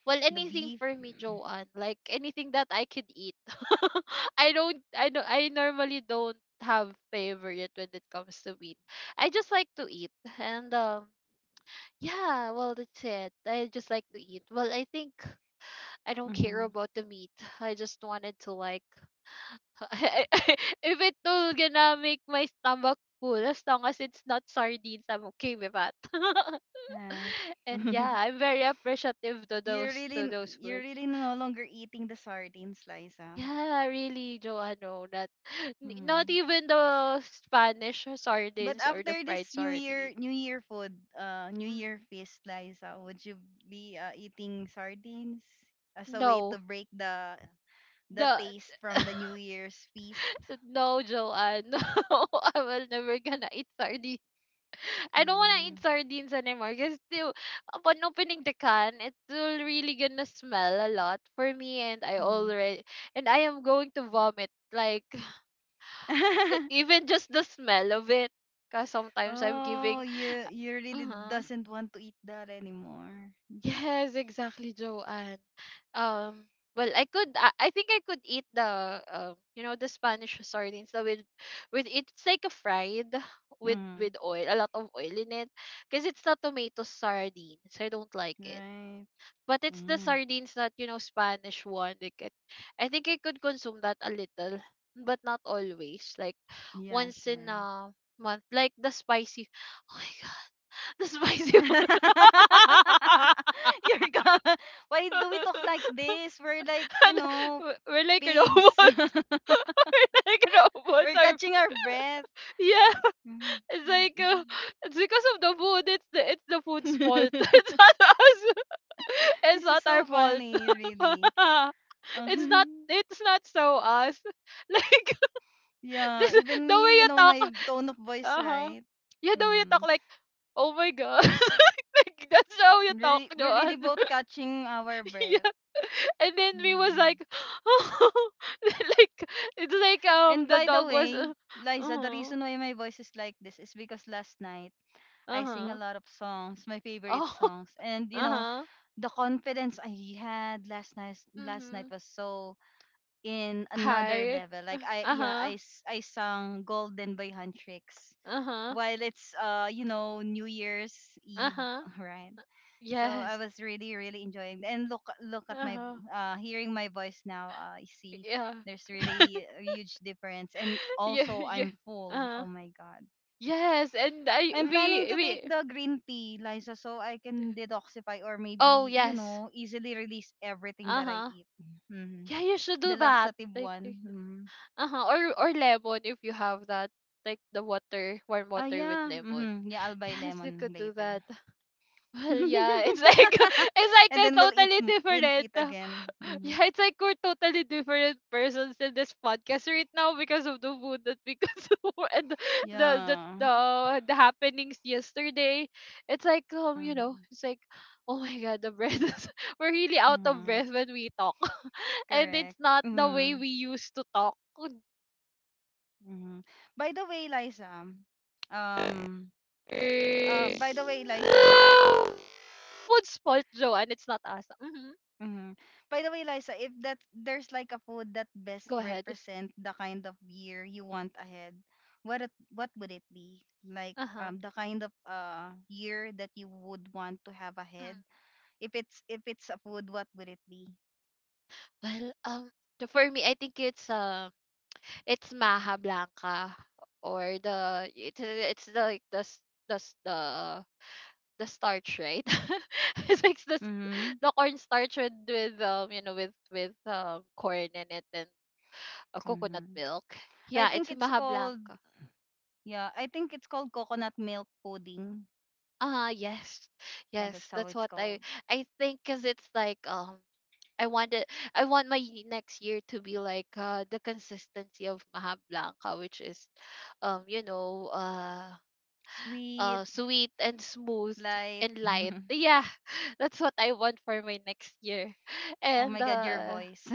Well,
the
anything
beef?
for me, Joanne. Like anything that I could eat. [laughs] I normally don't have favorite when it comes to meat. I just like to eat. And yeah, well, that's it. I just like to eat. Well, I think I don't
Mm-hmm.
care about the meat. I just wanted to like, [laughs] I, I, if it gonna make my stomach full, as long as it's not sardines, I'm okay with that. [laughs]
Right.
And yeah,
[laughs]
I'm very appreciative to those
You're
foods.
really no longer eating the sardines, Liza.
Yeah, really, Joanno. That [laughs] not
Hmm.
even the Spanish
But
sardines or the
after
fried
this
sardines.
New Year food, New
Mm,
Year feast, Liza, would you be eating sardines as a way to
no,
break the
the
taste from
[laughs]
the New Year's feast.
no, Joanne. [laughs] No, I will never gonna eat sardine. [laughs] I don't wanna
Mm-hmm.
eat sardines anymore because still upon opening the can, it's still really gonna smell a lot for me, and I already and I am going to vomit like [sighs]
[laughs]
even just the smell of it. Cause sometimes I'm
Oh,
giving
you really
uh-huh.
doesn't want to eat that anymore.
Yes, exactly, Joanne. Um, well, I could. I think I could eat the, you know, the Spanish sardines. So with it's like a fried with
Mm,
oil, a lot of oil in it, because it's not tomato sardines. I don't like it.
right.
But it's the
Mm,
sardines that you know Spanish one. Like it, I think I could consume that a little, but not always. Like
yeah,
once in
sure.
a month, like the spicy. Oh my god, [laughs] the spicy one.
[laughs] You're
[laughs]
gone. Why do we talk
[laughs]
like this? We're like, you
And
know,
we're like
pigs.
robots. [laughs] We're like
[laughs]
robots.
We're
Are
catching our breath.
yeah.
[laughs]
It's like it's because of the food. It's the food's fault. [laughs] It's not us. [laughs] It's
This is
not our
so
fault.
funny, really. [laughs]
[laughs] It's not.
Um,
It's not so us. [laughs] Like [laughs] this,
yeah, even
the way
me, you
you
know,
talk.
my tone of voice,
Uh huh.
right?
Yeah, the way you talk.
Hmm.
Like oh my god. [laughs] Like that's how you talk,
Really, we're really
Joanne.
both
[laughs]
catching our breath.
Yeah. And then we was
Hmm.
like, [laughs] oh, [laughs] like it's like
And
the
by the
dog was
way, Liza, the
huh
reason why my voice is like this is because last night
uh
I sing a
huh
lot of songs, my favorite
oh
songs. And
[laughs]
you
uh
know,
huh
the confidence I had last night
mhm
was so in another
hi
level. Like
[laughs]
I
uh
yeah,
huh
I sang Golden by Huntrix
uh huh
while it's you know New Year's
uh
Eve,
huh
[laughs] right? So I
yes
was really, really enjoying. And look, look at
uh
my,
huh
hearing my voice now. I see
yeah
there's
[laughs]
really a huge difference. And
yeah
also,
yeah
I'm full.
uh
Oh my god.
yes and I
I'm planning to take
we
the green tea, Liza, so I can detoxify or
oh
maybe, you
yes
know, easily release everything
uh
that I
huh
eat. Hmm.
yeah you should do
The
that
laxative
like
one.
like-
Hmm.
uh huh or lemon if you have that like the water warm
Ah,
water with
yeah.
lemon.
Hmm. Yeah, I'll buy
Yes, we
lemon
could do
later.
that. [laughs] Well, yeah, it's like
[laughs]
[laughs] it's like
And
they're
then we'll eat,
totally
we'll
different.
eat
[laughs]
again. Hmm.
Yeah, it's like we're totally different persons in this podcast right now because of the food that we consume [laughs] and the
Yeah.
the, happenings yesterday. It's like you know,
Hmm.
it's like oh my god, the breath is, [laughs] we're really out of
Mm-hmm.
breath when we talk, [laughs] and it's
Correct.
not the way
Mm-hmm.
we used to talk.
Mm-hmm. By the way,
[laughs]
Liza, um,
Food's fault, Joanne. It's
by
not
the way,
us.
Liza,
Mhm.
mm-hmm. By the way,
Go
Liza,
ahead.
if that there's like a food that best represent the kind of year you want ahead, what would it
Uh-huh.
be? Like the kind of year that you would want to
Mm.
have ahead. If it's a food, what would it be?
Well, for me, I think it's Maha Blanca or the it's the, like the s- the s- the starch, right? [laughs] It's like
Mm-hmm.
the corn starch with you know with corn in it and coconut
Mm-hmm.
milk.
I
Yeah,
think
it's
it's
Maha
called,
Blanca.
yeah. I think it's called coconut milk pudding.
Ah, yes,
Yeah,
yes,
that's how
that's
it's
what
called.
I think, cause it's like I want it, I want my next year to be like the consistency of Maha Blanca, which is, um, you know, uh,
Sweet,
sweet and smooth
light.
and light.
[laughs]
Yeah, [laughs] that's what I want for my next year. [laughs]
Oh
And
my god, your voice.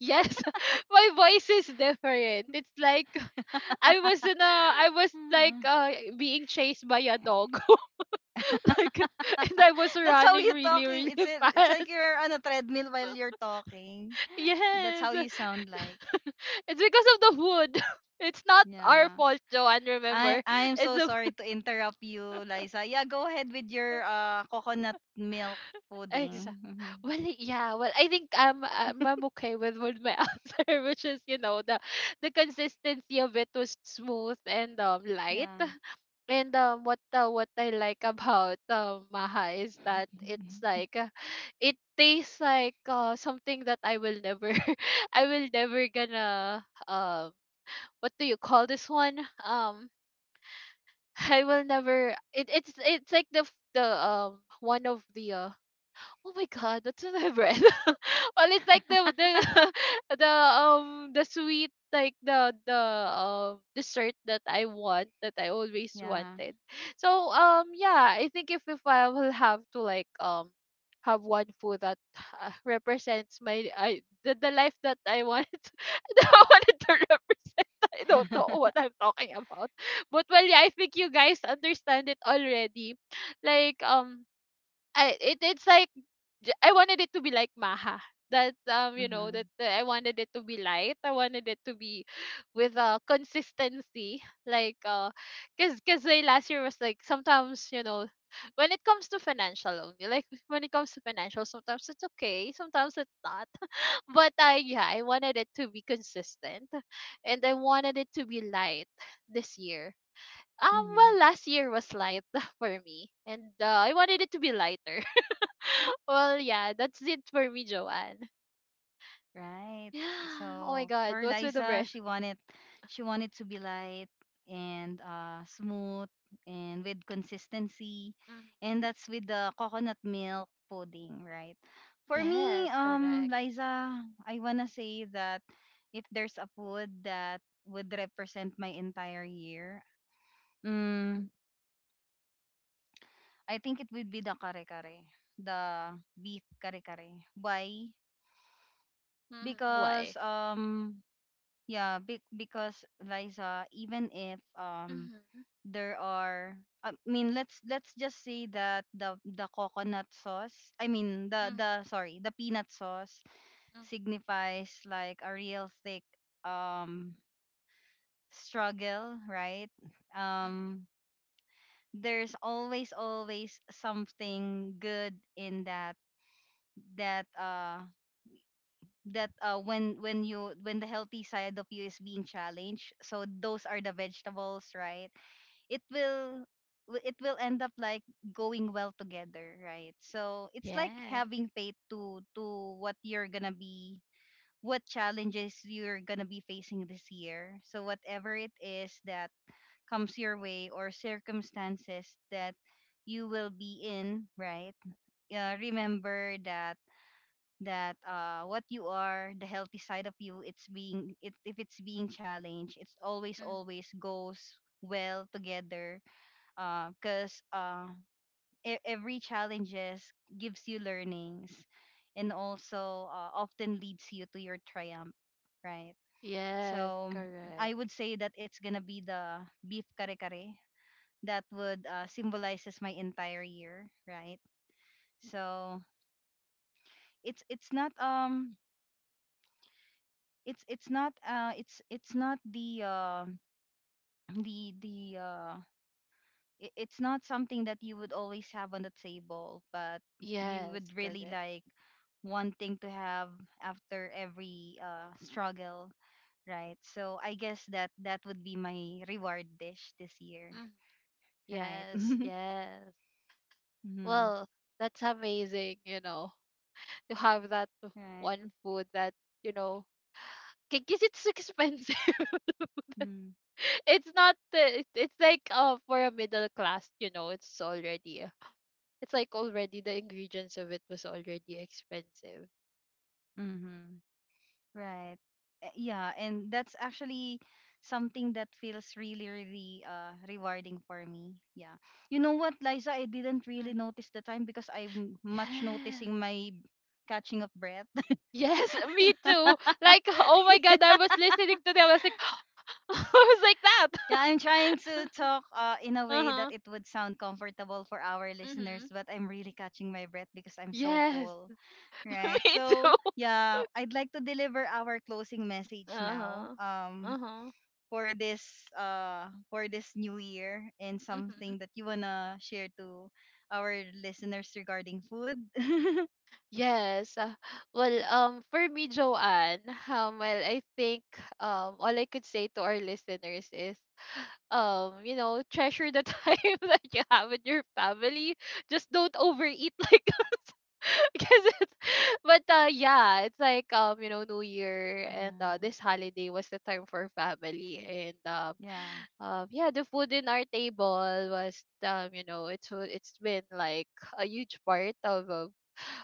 yes, [laughs] my voice is different. It's like [laughs]
[laughs]
I was like
Mm.
being chased by a dog, [laughs] like,
[laughs]
and I was
That's how
running
you
really,
talk.
really
Eh. It's
[laughs]
a, it's
fast.
like you're on a treadmill while you're
[laughs]
talking. That's
Yes.
how you sound like.
[laughs] It's because of the wood. [laughs] It's not our
Yeah.
fault, Joanne.
I
Remember,
I am
it's
so
the
sorry to interrupt you, Liza. Yeah, go ahead with your
[laughs]
coconut milk pudding.
exact.
Mhm.
Well, yeah. Well, I think I'm okay with my [laughs] answer, which is you know the consistency of it was smooth and light.
Yeah.
And what I like about Maha is that it's
[laughs]
like it tastes like something that I will never [laughs] I will never gonna what do you call this one? I will never. It's like the f- the one of the oh my god, that's in my bread. [laughs] Well, it's like the [laughs] the sweet like the dessert that I want that I always
Yeah.
wanted. So yeah, I think if I will have to like have one food that represents the life that I wanted to, [laughs] that I wanted to represent. [laughs] I don't know
[laughs]
what I'm talking about. But well, yeah, I think you guys understand it already. Like I it, it's like J I wanted it to be like Maha. That
Hmm.
I wanted it to be light. I wanted it to be with consistency. Like cause cause like last year was like sometimes you know when it comes to financial only, like when it comes to financial, sometimes it's okay, sometimes it's not. [laughs] But I yeah, I wanted it to be consistent and I wanted it to be light this year. Well,
Hmm.
last year was light [laughs] for me, and I wanted it to be lighter. [laughs] Well, yeah, that's it for me, Joanne.
Right.
Yeah. Oh my
So
God,
for
what's with the
Liza,
breath?
she wanted to be light and smooth and with consistency,
Mhm.
and that's with the coconut milk pudding, right? For me,
Yes, correct.
Liza, I wanna say that if there's a food that would represent my entire year, mm, I think it would be the kare kare, the beef kare kare. Why?
Hmm. Why?
Because um, yeah, because Liza, even if
Hmm.
there are I mean let's just say that the coconut sauce, I mean
Hmm.
the sorry, the peanut sauce
Hmm.
signifies like a real thick um struggle, right? Um, there's always something good in that that uh that when you when the healthy side of you is being challenged, so those are the vegetables, right? It will it will end up like going well together, right? So it's like
Yes.
having faith to what you're gonna be, what challenges you're gonna be facing this year. So whatever it is that comes your way or circumstances that you will be in, right, remember that what you are the healthy side of you, it's being, it if it's being challenged, it's
Mhm.
always goes well together. Because every challenges gives you learnings, and also often leads you to your triumph, right?
Yes,
So I would
correct.
say that it's gonna be the beef kare kare that would symbolizes my entire year, right? So it's not um, it's not the the uh it's not something that you would always have on the table, but you
Yes,
would really
correct.
like wanting to have after every struggle, right? So I guess that that would be my reward dish this year,
Mhm.
right?
Yes,
[laughs]
yes.
Mm-hmm.
Well, that's amazing, you know, [laughs] to have that
Right.
one food that, you know, because it's expensive. [laughs] [laughs]
Mm-hmm.
It's not the it, it's like for a middle class you know it's already it's like already the ingredients of it was already expensive.
Mm-hmm. Right. Eh, yeah, and that's actually something that feels really, really rewarding for me. Yeah. You know what, Liza, I didn't really
Mhm.
notice the time because I'm much
Yes.
noticing my catching of breath.
Yes. [laughs] Me too, like oh my god, I was listening to them, I was like [gasps] I was like
[laughs] Yeah, I'm trying
that.
to
[laughs]
talk in a way that
Uh-huh.
it would sound comfortable for our listeners,
Mhm.
but I'm really catching my breath because I'm so
Yes.
full.
[laughs]
Right.
Me
So,
too.
yeah, I'd like to deliver our closing message now.
Uh-huh.
Um,
Uh-huh.
for this new year, and
Mhm.
something that you wanna share to our listeners regarding food? [laughs]
Yes. Well, for me, Joanne, well, I think all I could say to our listeners is, you know, treasure the [laughs] time that you have with your family. Just don't overeat, like, [laughs] because it's. But yeah, it's like you know, New Year, and
Yeah.
this holiday was the time for family, and
Yeah.
yeah, the food in our table was, you know, it's been like a huge part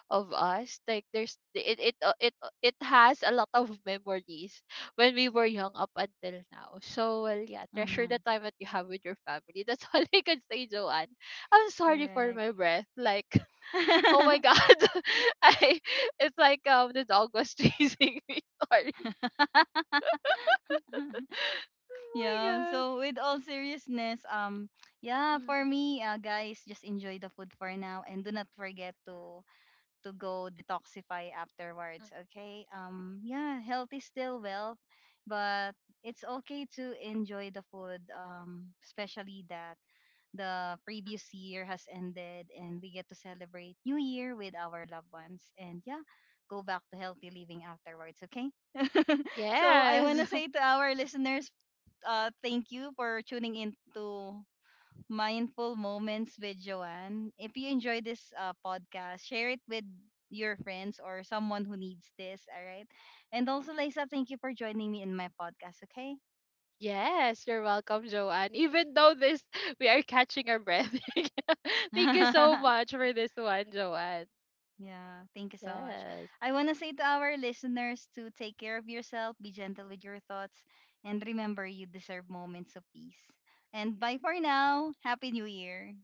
of us, like there's it has a lot of [laughs] memories when we were young up until now. So well, yeah, treasure
Mm-hmm.
the time that you have with your family. That's [laughs] all I can say, Joanne. I'm sorry for my
Correct.
breath like [laughs] oh my
[laughs]
god [laughs] I it's like the dog was [laughs] chasing me, sorry, oh my
Yeah,
god.
so with all seriousness, um, yeah, for
Mhm,
me, guys, just enjoy the food for now, and do not forget to go detoxify
mhm,
afterwards. Okay. Yeah. Health is still wealth, but it's okay to enjoy the food. Especially that the
mhm.
previous year has ended and we get to celebrate New Year with our loved ones. And yeah, go back to healthy living afterwards. Okay. So I wanna
Yes,
say to
[laughs]
our listeners, thank you for tuning in to Mindful Moments with Joanne. If you enjoy this podcast, share it with your friends or someone who needs this. All right. And also, Lisa, thank you for joining me in my podcast. Okay.
yes, you're welcome, Joanne. Even though this, we are catching our breath. [laughs]
[laughs]
Thank you so
Yeah.
much for this one, Joanne.
Thank you so much.
Yes.
I want to say to our listeners to take care of yourself, be gentle with your thoughts, and remember you deserve moments of peace. And bye for now. Happy New Year.